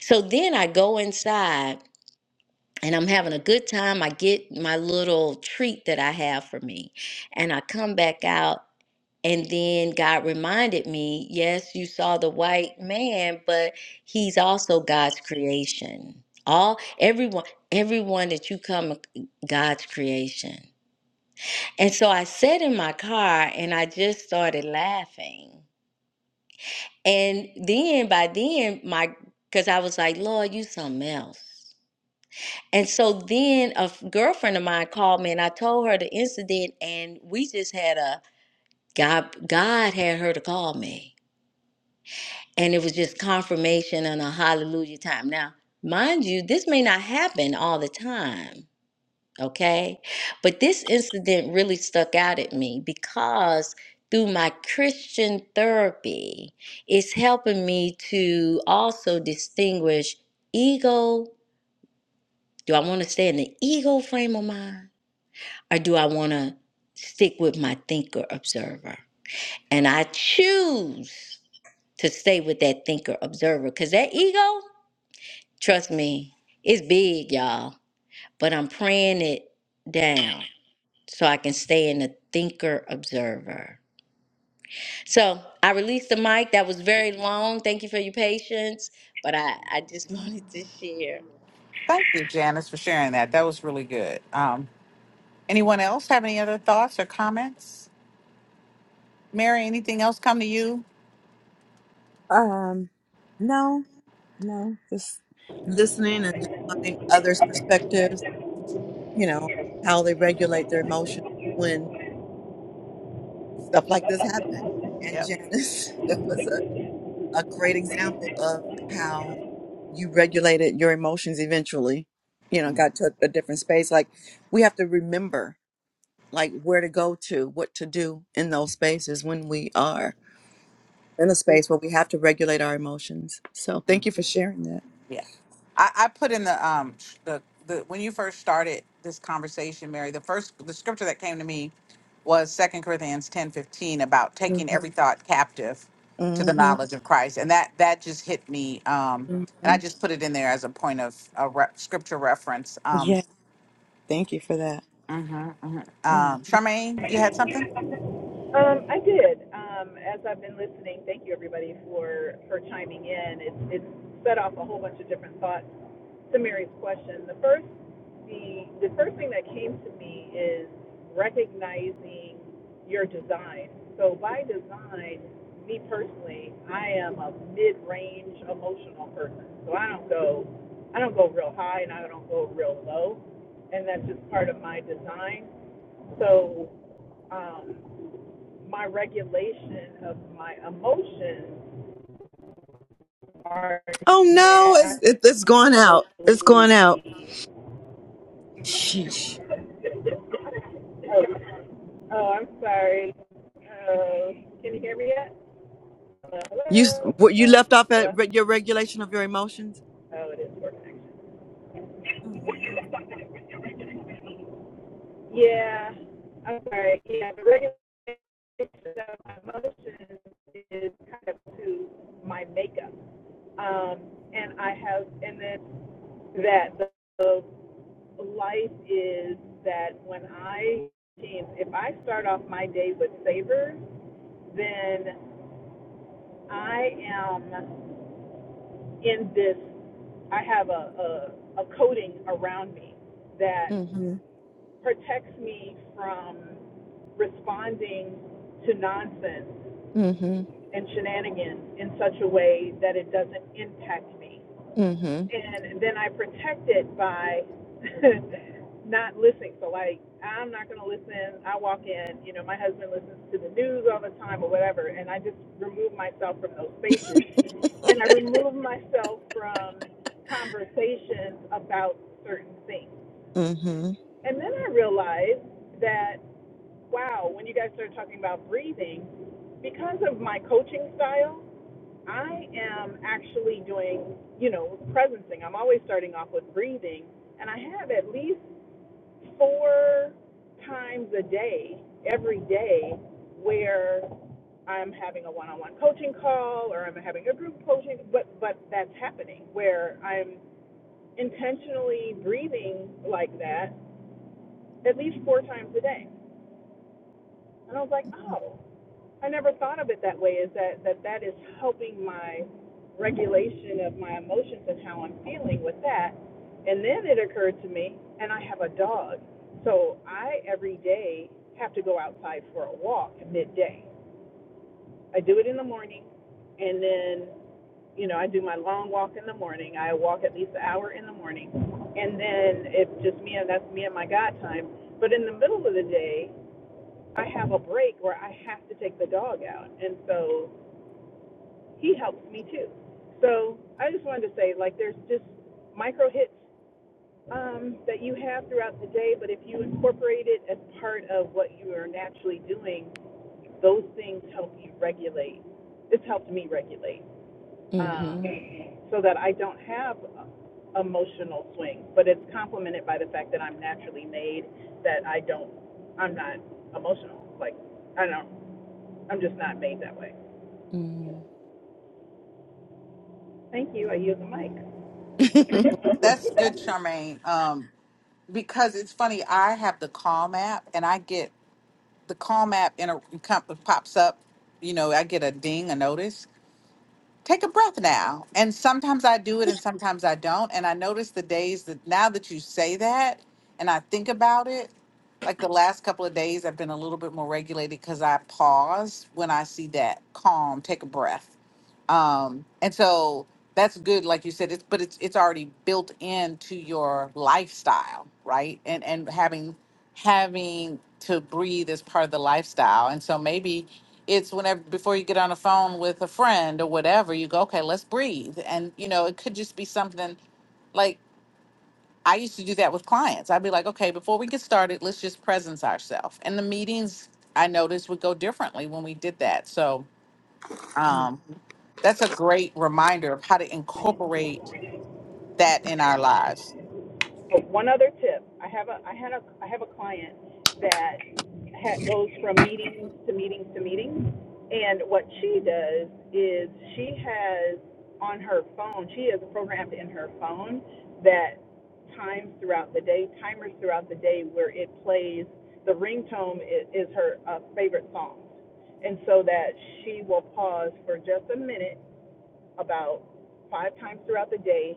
S6: So then I go inside and I'm having a good time. I get my little treat that I have for me, and I come back out. And then God reminded me, yes, you saw the white man, but he's also God's creation. All everyone, everyone that you come, God's creation. And so I sat in my car and I just started laughing. And then by then, my because I was like, Lord, you something else. And so then a f- girlfriend of mine called me and I told her the incident and we just had a God God had her to call me. And it was just confirmation and a hallelujah time. Now, mind you, this may not happen all the time, okay? But this incident really stuck out at me because through my Christian therapy, it's helping me to also distinguish ego. Do I want to stay in the ego frame of mind? or do I want to stick with my thinker observer? And I choose to stay with that thinker observer because that ego, trust me, it's big, y'all. But I'm praying it down so I can stay in the thinker observer. So I released the mic. That was very long. Thank you for your patience. But I, I just wanted to share.
S3: thank you janice for sharing that that was really good um Anyone else have any other thoughts or comments? Mary, anything else come to you?
S2: Um, no, no, just listening and just learning others' perspectives, you know, how they regulate their emotions when stuff like this happens. And
S3: Yep.
S2: Janice, that was a, a great example of how you regulated your emotions eventually, you know, got to a, a different space. Like, we have to remember, like, where to go to, what to do in those spaces when we are. in a space where we have to regulate our emotions. So thank you for sharing that.
S3: Yeah. I, I put in the um the, the when you first started this conversation, Mary, the first the scripture that came to me was Second Corinthians ten fifteen about taking
S2: Mm-hmm.
S3: every thought captive to the
S2: Mm-hmm.
S3: knowledge of Christ. And that that just hit me. Um and
S2: hmm
S3: I just put it in there as a point of a re- scripture reference. Um,
S2: Yeah. Thank you for that. Mm.
S3: um, Charmaine, you had something?
S1: Um, I did. Um, as I've been listening, thank you everybody for for chiming in. It's it's set off a whole bunch of different thoughts to Mary's question. The first the the first thing that came to me is recognizing your design. So by design, me personally, I am a mid range emotional person. So I don't go I don't go real high and I don't go real low, and that's just part of my design. So. Um, my regulation of my emotions are
S2: Oh no, it's
S1: naturally.
S2: it, it's gone out. It's gone out. Sheesh.
S1: oh, oh, I'm sorry. Oh, can you hear me yet? Hello,
S2: You s-
S1: hello,
S2: what you
S1: hello,
S2: left off
S1: hello.
S2: at re- your regulation of your emotions.
S1: Oh, it is poor connection.
S2: Mm-hmm.
S1: Yeah, I'm sorry. Yeah, the regulation of my emotions is kind of to my makeup. Um, and I have, and then that the, the life is that when I, if I start off my day with savor, then I am in this, I have a, a, a coating around me that
S2: Mm-hmm.
S1: protects me from responding to nonsense
S2: Mm-hmm.
S1: and shenanigans in such a way that it doesn't impact me.
S2: Mm-hmm.
S1: and then I protect it by not listening. So like I'm not gonna listen. I walk in, you know, my husband listens to the news all the time or whatever, and I just remove myself from those spaces, and I remove myself from conversations about certain things.
S2: Mm-hmm.
S1: And then I realized that wow, when you guys started talking about breathing, because of my coaching style. I am actually doing, you know, presencing. I'm always starting off with breathing, and I have at least four times a day, every day, where I'm having a one-on-one coaching call or I'm having a group coaching, but but that's happening where I'm intentionally breathing like that at least four times a day. And I was like, oh, I never thought of it that way. Is that that that is helping my regulation of my emotions and how I'm feeling with that. And then it occurred to me, and I have a dog, so I every day have to go outside for a walk at midday. I do it in the morning, and then you know I do my long walk in the morning. I walk at least an hour in the morning, and then it's just me and that's me and my God time. But in the middle of the day, I have a break where I have to take the dog out, and so he helps me too. So I just wanted to say, like, there's just micro hits um, that you have throughout the day, but if you incorporate it as part of what you are naturally doing, those things help you regulate. It's helped me regulate um,
S2: Mm-hmm.
S1: so that I don't have uh, emotional swings, but it's complemented by the fact that I'm naturally made, that I don't, I'm not emotional. Like, I don't, I'm just not made that way. Thank you. I use the
S3: That's
S1: mic.
S3: good, Charmaine. Um. because it's funny. I have the Calm app, and I get the Calm app and it com- pops up. You know, I get a ding, a notice. Take a breath now. And sometimes I do it, and sometimes I don't. And I notice the days that now that you say that, and I think about it, like the last couple of days, I've been a little bit more regulated because I pause when I see that calm. Take a breath um and so that's good like you said it's but it's it's already built into your lifestyle right and and having having to breathe is part of the lifestyle and so maybe it's whenever before you get on the phone with a friend or whatever you go okay let's breathe and you know it could just be something like I used to do that with clients. I'd be like, okay, before we get started, let's just presence ourselves. And the meetings I noticed would go differently when we did that. So um, that's a great reminder of how to incorporate that in our lives.
S1: But one other tip, I have a I had a I have a client that ha goes from meetings to meetings to meetings, and what she does is she has on her phone she has programmed in her phone that times throughout the day timers throughout the day where it plays the ringtone is, is her uh, favorite song, and so that she will pause for just a minute about five times throughout the day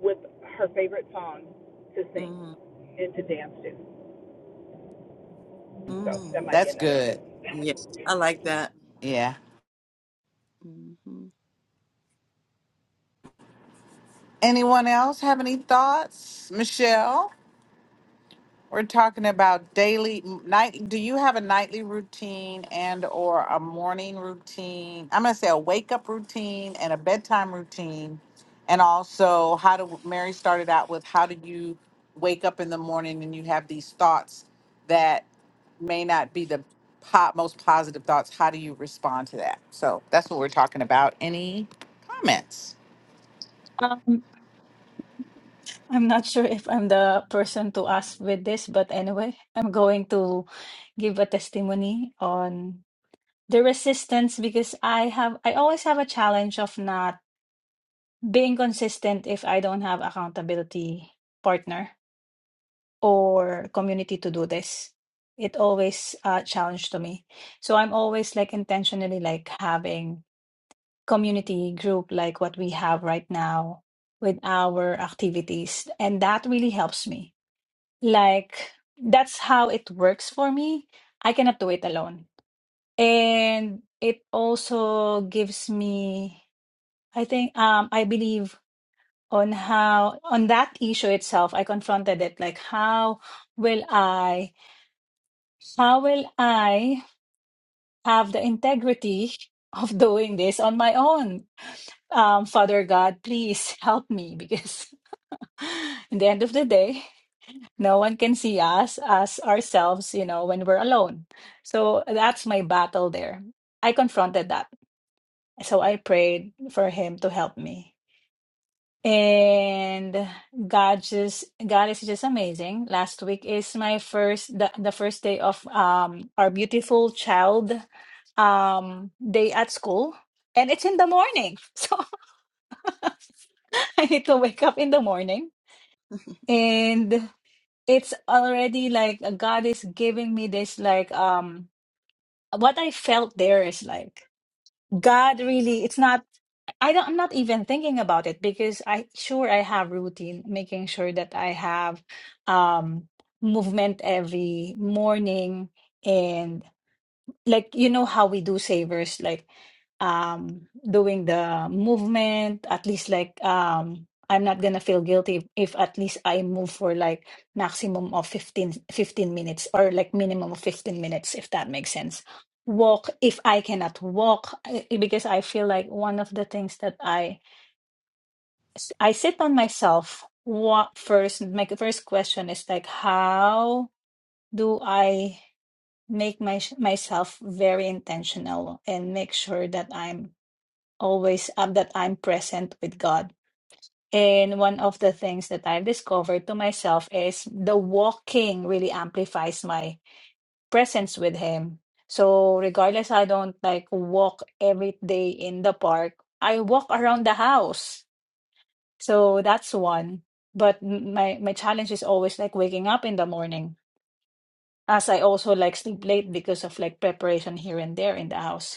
S1: with her favorite song to sing
S2: mm
S1: and to dance to. So that
S2: mm
S1: might be
S3: That's
S1: another
S3: good.
S1: tip.
S2: Yeah, I like that.
S3: Yeah.
S2: Mhm.
S3: Anyone else have any thoughts? Michelle? We're talking about daily night. Do you have a nightly routine and or a morning routine? I'm gonna say a wake up routine and a bedtime routine, and also how do Mary started out with how do you wake up in the morning and you have these thoughts that may not be the po- most positive thoughts. How do you respond to that? So that's what we're talking about. Any comments?
S8: Um, I'm not sure if I'm the person to ask with this, but anyway, I'm going to give a testimony on the resistance because I have I always have a challenge of not being consistent if I don't have accountability partner or community to do this. It always a challenge to me. So I'm always like intentionally like having community group like what we have right now with our activities, and that really helps me Like that's how it works for me. I cannot do it alone. And it also gives me, I think, um, I believe on how on that issue itself, I confronted it like how will I, how will I have the integrity of doing this on my own? Um, Father God, please help me because in the end of the day, No one can see us as ourselves, you know, when we're alone. So that's my battle there. I confronted that. So I prayed for him to help me. And God just God is just amazing. Last week is my first the, the first day of um our beautiful child um day at school and it's in the morning. So I need to wake up in the morning and it's already like God is giving me this like um what I felt there is like God really it's not I don't I'm not even thinking about it because I sure I have routine making sure that I have um movement every morning and like you know how we do savers like um doing the movement at least like um I'm not gonna feel guilty if at least I move for like maximum of 15 15 minutes or like minimum of 15 minutes if that makes sense walk if I cannot walk I- because I feel like one of the things that I I sit on myself what first my first question is like how do I make my myself very intentional and make sure that I'm always up that I'm present with God. And one of the things that I've discovered to myself is the walking really amplifies my presence with him. So regardless I don't like walk every day in the park, I walk around the house. So that's one. But m- my my challenge is always like waking up in the morning as I also like sleep late because of like preparation here and there in the house.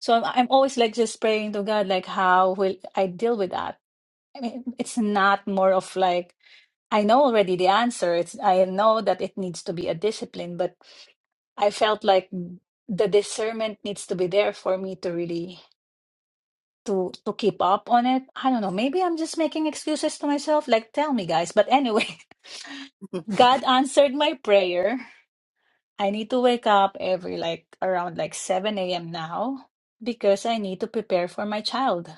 S8: So I'm, I'm always like just praying to God, like, how will I deal with that? I mean, it's not more of like, I know already the answer. It's, I know that it needs to be a discipline, but I felt like the discernment needs to be there for me to really to to keep up on it. I don't know. Maybe I'm just making excuses to myself. Like, tell me, guys. But anyway, God answered my prayer. I need to wake up every like around like 7 a.m. now because I need to prepare for my child.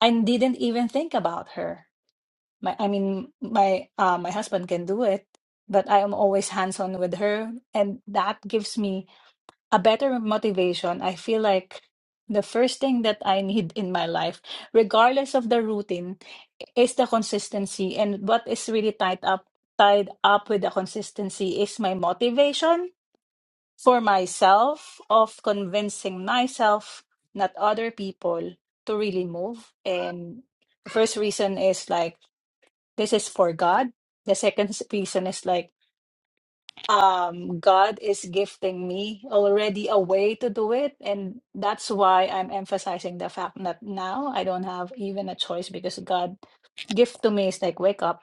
S8: I didn't even think about her. My, I mean, my uh, my husband can do it, but I am always hands on with her, and that gives me a better motivation. I feel like the first thing that I need in my life, regardless of the routine, is the consistency. And what is really tied up tied up with the consistency is my motivation for myself of convincing myself, not other people, to really move. And the first reason is like, this is for God. The second s- reason is like, um, God is gifting me already a way to do it. And that's why I'm emphasizing the fact that now I don't have even a choice because God gift to me is like, wake up.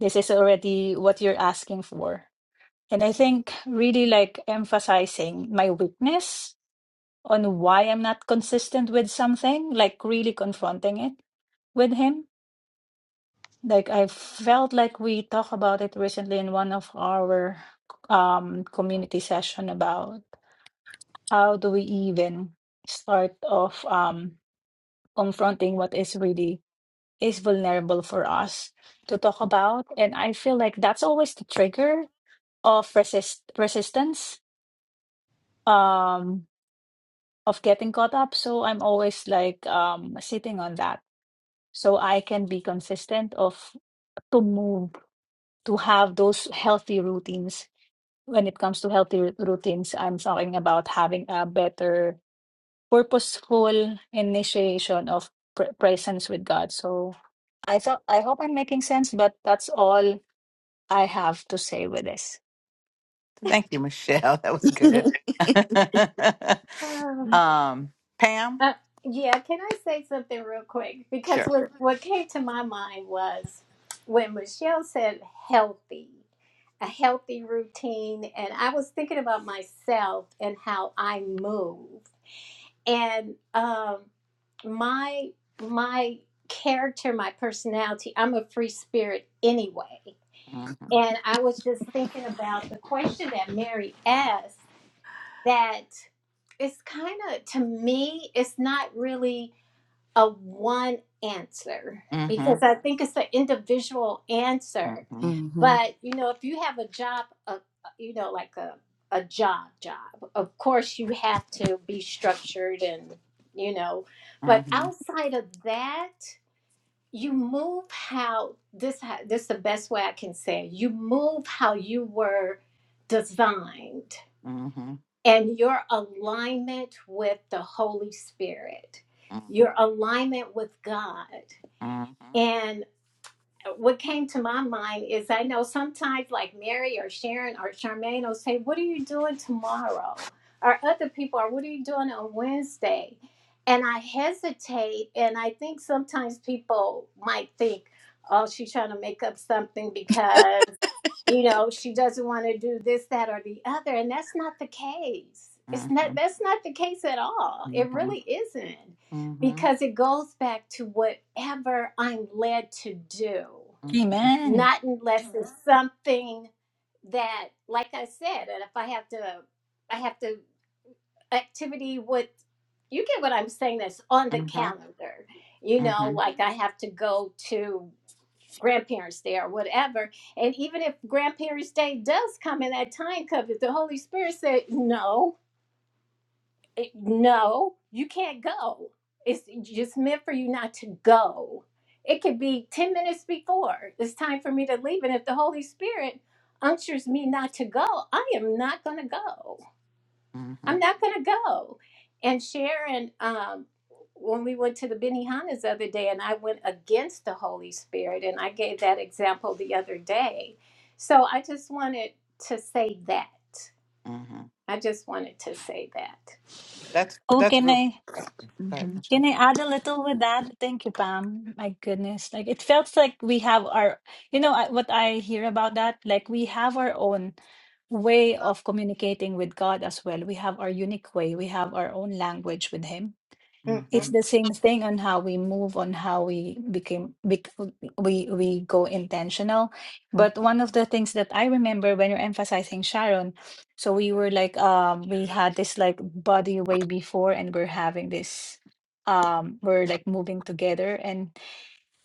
S8: This is already what you're asking for. And I think really like emphasizing my weakness on why I'm not consistent with something, like really confronting it with him. Like I felt like we talked about it recently in one of our um community session about how do we even start off um confronting what is really is vulnerable for us to talk about. And I feel like that's always the trigger of resist resistance um of getting caught up. So I'm always like um sitting on that so I can be consistent of to move to have those healthy routines. When it comes to healthy r- routines, I'm talking about having a better purposeful initiation of pr- presence with God. So I thought I hope I'm making sense, but that's all I have to say with this.
S3: Thank you, Michelle. That was good.
S5: Oh,
S3: um, Pam.
S5: uh, yeah can i say something real quick because
S3: Sure.
S5: what, what came to my mind was when michelle said healthy a healthy routine and i was thinking about myself and how i move and um my my character my personality i'm a free spirit anyway
S3: hmm
S5: and i was just thinking about the question that mary asked that it's kind of to me it's not really a one answer
S3: hmm hmm
S5: because i think it's an individual answer
S3: hmm
S2: Mm-hmm.
S5: but you know if you have a job uh, uh, you know like a, a job job of course you have to be structured and you know but
S3: hmm
S5: outside of that you move how this ha- this is the best way i can say it. you move how you were designed
S3: Mhm.
S5: and your alignment with the holy spirit your alignment with god what came to my mind is I know sometimes like Mary or Sharon or Charmaine will say, What are you doing tomorrow? Or other people are, What are you doing on Wednesday? And I hesitate. And I think sometimes people might think, Oh, she's trying to make up something because, you know, she doesn't want to do this, that, or the other. And that's not the case. It's not, that's not the case at all. It really isn't because it goes back to whatever I'm led to do
S8: Amen.
S5: not unless it's Mhm. something that like i said and if i have to i have to activity with you get what i'm saying that's on the calendar you know like i have to go to grandparents day or whatever and even if grandparents day does come in that time cup if the holy spirit said no it- no, you can't go. It's just meant for you not to go. It could be 10 minutes before it's time for me to leave. And if the Holy Spirit unctures me not to go, I am not going to go. I'm not going to go. And Sharon, um, when we went to the Benihana's the other day, and I went against the Holy Spirit, and I gave that example the other day. So I just wanted to say that.
S3: Mhm.
S5: I just wanted to say that.
S3: That's
S8: Who
S3: that's
S8: can
S3: real.
S8: I?
S3: Go ahead,
S2: Mm-hmm.
S8: Can
S3: Michelle.
S8: I add a little with that? Thank you, Pam. My goodness. Like it felt like we have our, you know, I- what I hear about that, like we have our own way of communicating with God as well. We have our unique way. We have our own language with Him
S3: hmm
S8: it's the same thing on how we move on how we became bec- we we go intentional
S5: hmm
S8: but one of the things that i remember when you're emphasizing sharon so we were like um we had this like body way before and we're having this um we're like moving together and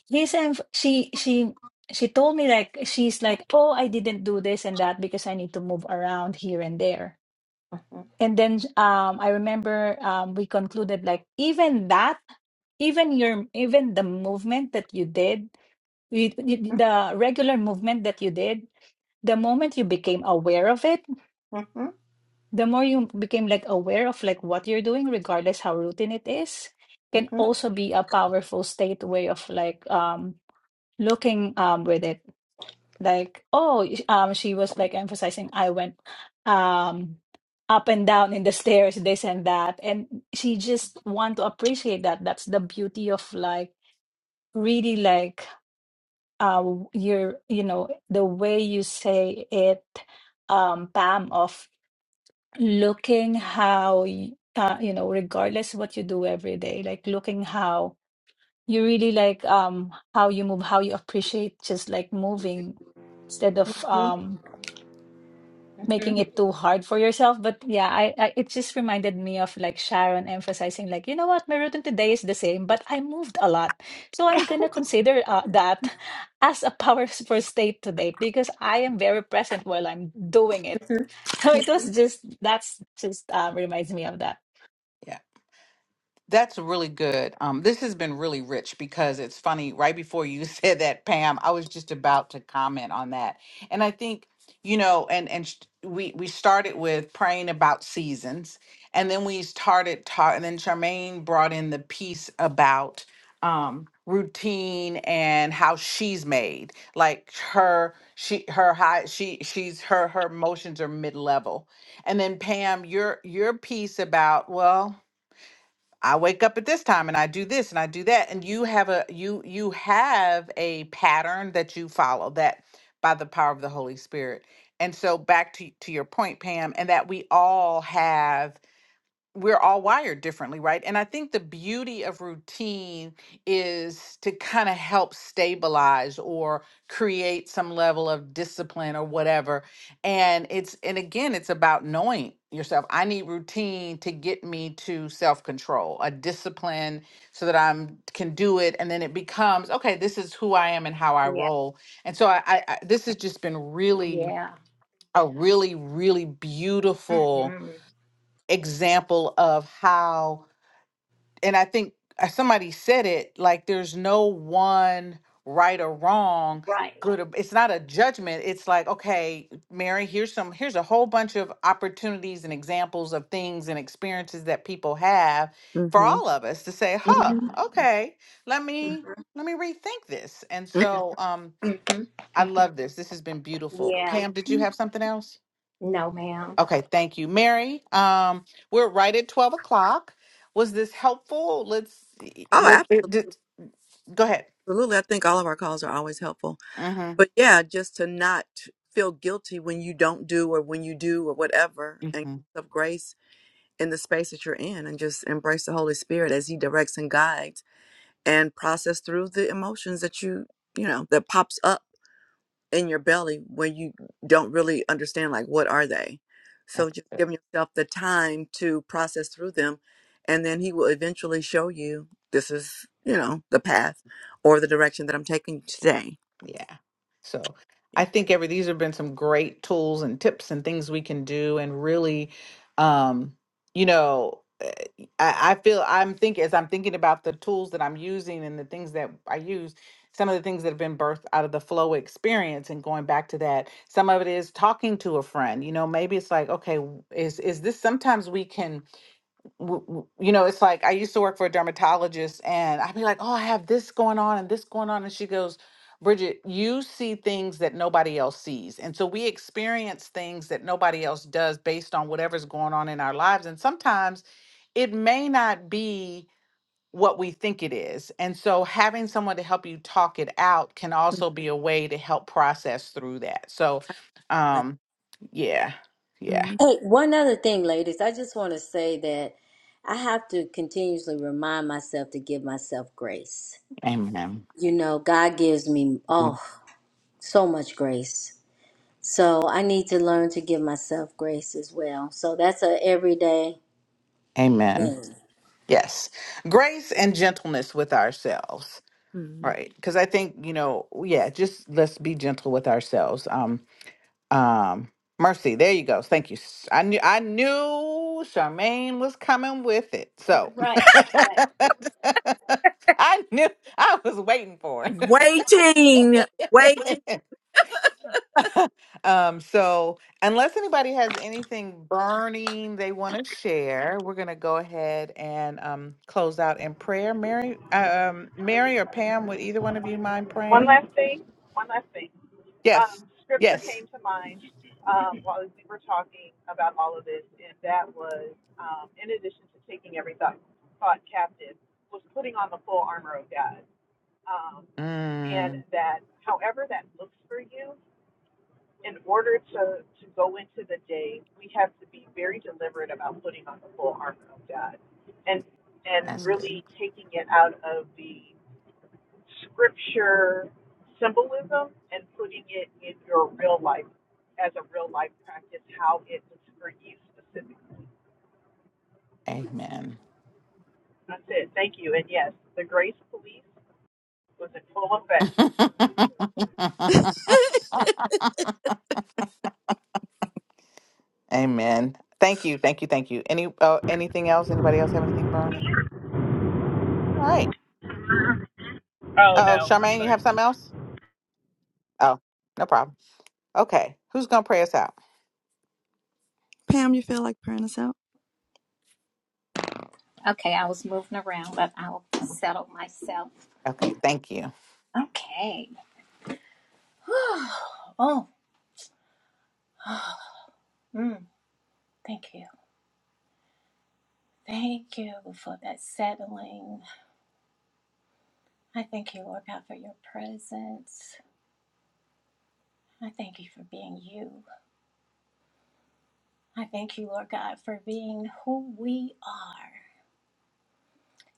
S8: he's enf- she she she told me like she's like oh i didn't do this and that because i need to move around here and there and then um, I remember um, we concluded like even that, even your even the movement that you did, you, you- the regular movement that you did, the moment you became aware of it,
S5: Mm-hmm.
S8: the more you became like aware of like what you're doing, regardless how routine it is, can
S5: Mm-hmm.
S8: also be a powerful state way of like um, looking um, with it like oh um she was like emphasizing i went um up and down in the stairs this and that and she just want to appreciate that that's the beauty of like really like uh your you know the way you say it um pam of looking how y- uh, you know regardless what you do every day like looking how you really like um how you move how you appreciate just like moving instead of
S5: Mm-hmm.
S8: um making
S5: Mm-hmm.
S8: it too hard for yourself. But yeah, I, I it just reminded me of like Sharon emphasizing like, you know what, my routine today is the same, but I moved a lot. So I'm gonna consider uh, that as a powerful state today because I am very present while I'm doing it. So it was just that's just uh, reminds me of that.
S3: Yeah. That's really good. Um, this has been really rich because it's funny. Right before you said that, Pam, I was just about to comment on that, and I think you know, and and sh- we we started with praying about seasons, and then we started talking. and then Charmaine brought in the piece about um routine and how she's made like her she her high she she's her her emotions are mid-level and then pam your your piece about well I wake up at this time and I do this and I do that and you have a you you have a pattern that you follow that by the power of the Holy Spirit. And so back to to your point Pam and that we all have we're all wired differently, right? And I think the beauty of routine is to kind of help stabilize or create some level of discipline or whatever. And it's, and again, it's about knowing yourself. I need routine to get me to self control, a discipline so that I'm can do it. And then it becomes, okay, this is who I am and how I
S5: Yeah.
S3: roll. And so I, I, I this has just been really,
S5: Yeah.
S3: a really, really beautiful
S5: Mm-hmm.
S3: example of how and i think uh, somebody said it like there's no one right or wrong
S5: Right.
S3: good or, it's not a judgment it's like okay mary here's some here's a whole bunch of opportunities and examples of things and experiences that people have for
S2: Mm-hmm.
S3: all of us to say huh
S2: Mm-hmm.
S5: Mm-hmm.
S3: okay let me let me rethink this and so um i
S5: Mm-hmm.
S3: love this this has been beautiful
S5: Yeah.
S3: pam did you have something else
S5: No, ma'am.
S3: Okay, thank you, Mary. Um, we're right at twelve o'clock. Was this helpful? Let's
S2: Oh,
S3: let, let, let- go ahead.
S2: absolutely. I think all of our calls are always helpful.
S3: Mm-hmm.
S2: But yeah, just to not feel guilty when you don't do or when you do or whatever and
S3: Mm-hmm.
S2: of grace in the space that you're in and just embrace the Holy Spirit as he directs and guides and process through the emotions that you, you know, that pops up in your belly when you don't really understand like what are they so just giving yourself the time to process through them and then he will eventually show you this is you know the path or the direction that i'm taking today
S3: Yeah. So I think every these have been some great tools and tips and things we can do and really um you know eh, I, I feel I'm thinking as I'm thinking about the tools that I'm using and the things that I use, some of the things that have been birthed out of the flow experience and going back to that, some of it is talking to a friend. You know, maybe it's like, okay, w- is is this sometimes we can w- w- you know, it's like I used to work for a dermatologist and I'd be like, oh, I have this going on and this going on. And she goes, Bridget, you see things that nobody else sees. And so we experience things that nobody else does based on whatever's going on in our lives. And sometimes it may not be what we think it is. And so having someone to help you talk it out can also be a way to help process through that. So,
S2: yeah
S3: um, yeah, yeah,
S2: Mm,
S6: Hey, one other thing, ladies, I just want to say that I have to continuously remind myself to give myself grace.
S3: amen.
S6: You know, God gives me,
S3: Mhm.
S6: oh, so much grace. So I need to learn to give myself grace as well. So that's a everyday
S3: Amen.
S6: thing.
S3: Yes. Grace and gentleness with ourselves.
S2: mm,
S3: Right. Cause I think, you know, yeah, just let's be gentle with ourselves. Um, um, mercy. There you go. Thank you. S- I knew I knew Charmaine was coming with it. So
S5: Right. Right.
S3: I knew I was waiting for
S2: Waiting, waiting.
S3: it. Um, so unless anybody has anything burning they want to share, we're gonna go ahead and um close out in prayer. Mary, uh, um, Mary or Pam, would either one of you mind
S1: One
S3: praying?
S1: last thing. One last thing.
S3: Yes.
S1: Um, scripture
S3: Yes.
S1: came to mind um, while we were talking about all of this, and that was, um, in addition to taking every thought, thought captive, was putting on the full armor of God. Um, and
S3: Mm,
S1: that, however that looks for you, in order to, to go into the day, we have to be very deliberate about putting on the full armor of God, and and
S3: that's good.
S2: mm,
S1: really taking it out of the scripture symbolism and putting it in your real life as a real life practice, how it was for you specifically.
S3: Amen.
S1: That's it. Thank you. And yes, the grace police was in full effect.
S3: Amen. Thank you. Thank you. Thank you. Any oh, anything else? Anybody else have anything burning? All right.
S1: Oh
S3: Uh Oh,
S1: no, I'm
S3: Charmaine,
S1: sorry.
S3: you have something else? Oh, no problem. Okay. Who's gonna pray us out?
S2: Pam, you feel like praying us out?
S5: Okay. I was moving around, but I'll settle myself.
S3: Okay. Thank you.
S5: Okay. oh. Mm, thank you. Thank you for that settling. I thank you, Lord God, for your presence. I thank you for being you. I thank you, Lord God, for being who we are.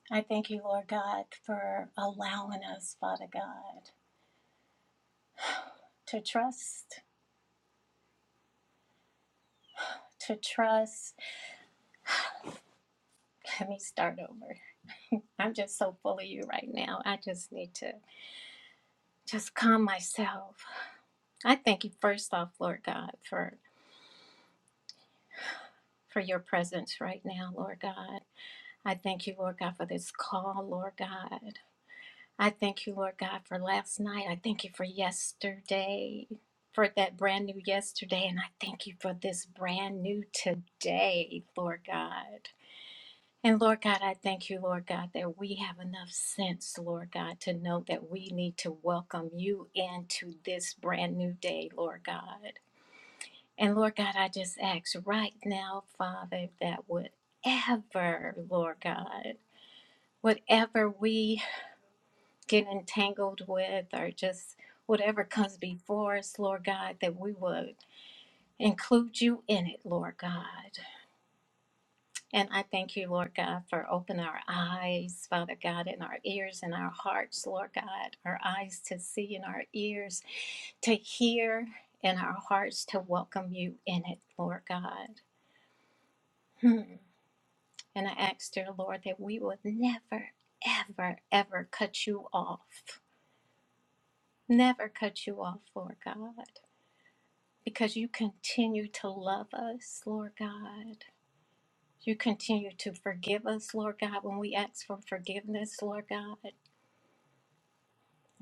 S5: I thank you, Lord God, for allowing us, Father God, to trust, to trust. Let me start over. I'm just so full of you right now. I just need to just calm myself. I thank you first off, Lord God, for for your presence right now, Lord God. I thank you, Lord God, for this call, Lord God. I thank you, Lord God, for last night. I thank you for yesterday, for that brand new yesterday. And I thank you for this brand new today, Lord God. And Lord God, I thank you, Lord God, that we have enough sense, Lord God, to know that we need to welcome you into this brand new day, Lord God. And Lord God, I just ask right now, Father, that whatever, Lord God, whatever we get entangled with or just whatever comes before us, Lord God, that we would include you in it, Lord God. And I thank you, Lord God, for opening our eyes, Father God, and our ears and our hearts, Lord God, our eyes to see and our ears to hear and our hearts to welcome you in it, Lord God. Hmm. And I ask, dear Lord, that we would never, ever, ever cut you off. Never cut you off, Lord God. because you continue to love us, Lord God. You continue to forgive us, Lord God, when we ask for forgiveness, Lord God.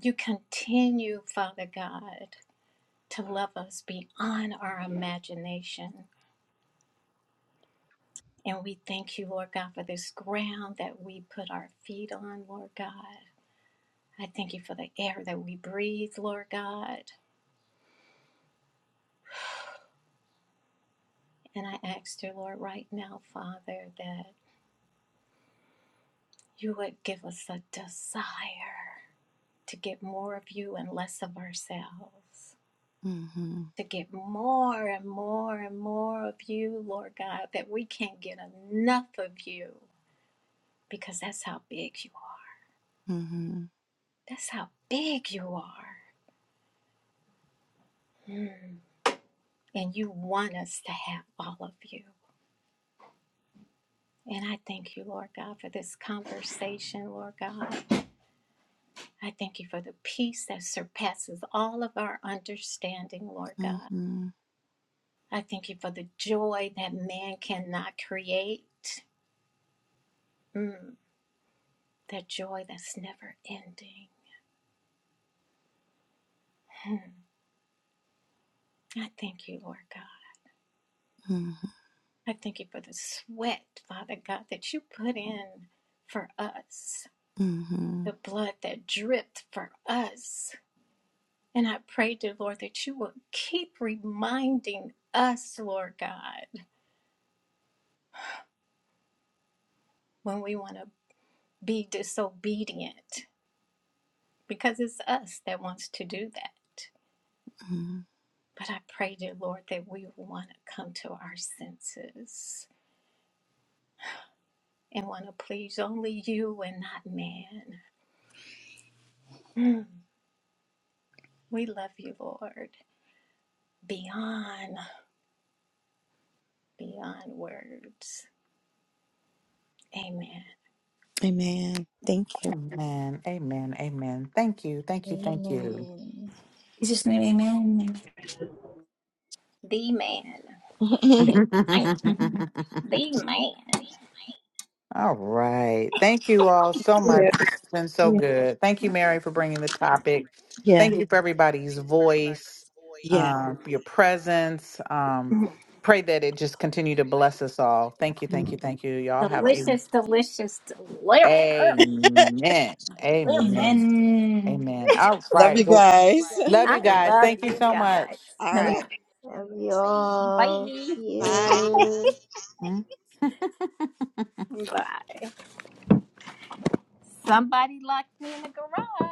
S5: You continue, Father God, to love us beyond our imagination. And we thank you, Lord God, for this ground that we put our feet on, Lord God. I thank you for the air that we breathe, Lord God. And I ask you, Lord, right now, Father, that you would give us a desire to get more of you and less of ourselves,
S2: hmm
S5: to get more and more and more of you, Lord God, that we can't get enough of you because that's how big you are.
S2: hmm
S5: That's how big you are. Mm. And you want us to have all of you. And I thank you, Lord God, for this conversation, Lord God. I thank you for the peace that surpasses all of our understanding, Lord God.
S2: hmm
S5: I thank you for the joy that man cannot create. Mm. that joy that's never ending. I thank you, Lord God. I thank you for the sweat, Father God, that you put in for us,
S2: Mm-hmm.
S5: the blood that dripped for us. And I pray, dear Lord, that you will keep reminding us, Lord God, when we want to be disobedient, because it's us that wants to do that.
S2: hmm
S5: But I pray, dear Lord, that we want to come to our senses and want to please only you and not man. Mm. We love you, Lord, beyond, beyond words. Amen.
S2: Amen. Thank you.
S3: Amen. Amen. Amen. Thank you. Thank you. Thank you.
S7: amen
S8: Jesus' name, amen.
S5: The man, the man,
S8: Mhm.
S5: the man.
S3: All right. Thank you all so much.
S2: Yeah.
S3: This has been so good. Thank you, Mary, for bringing the topic.
S2: yeah.
S3: Thank you for everybody's voice,
S2: Yeah.
S3: uh, your presence. Um, pray that it just continue to bless us all. Thank you. Thank you. Thank you. Y'all have a
S5: Delicious, delicious, delicious,
S3: amen.
S5: delicious.
S3: Amen.
S8: Amen.
S3: Amen. All
S2: Love
S3: right.
S2: you
S3: Well,
S2: guys.
S3: love you
S5: I
S3: guys.
S5: love
S3: Thank you
S5: you
S3: so much.
S5: guys.
S2: All
S5: Oh,
S2: right.
S7: love you all
S5: bye.
S7: see
S2: Bye.
S7: you
S5: Bye. Somebody locked me in the garage.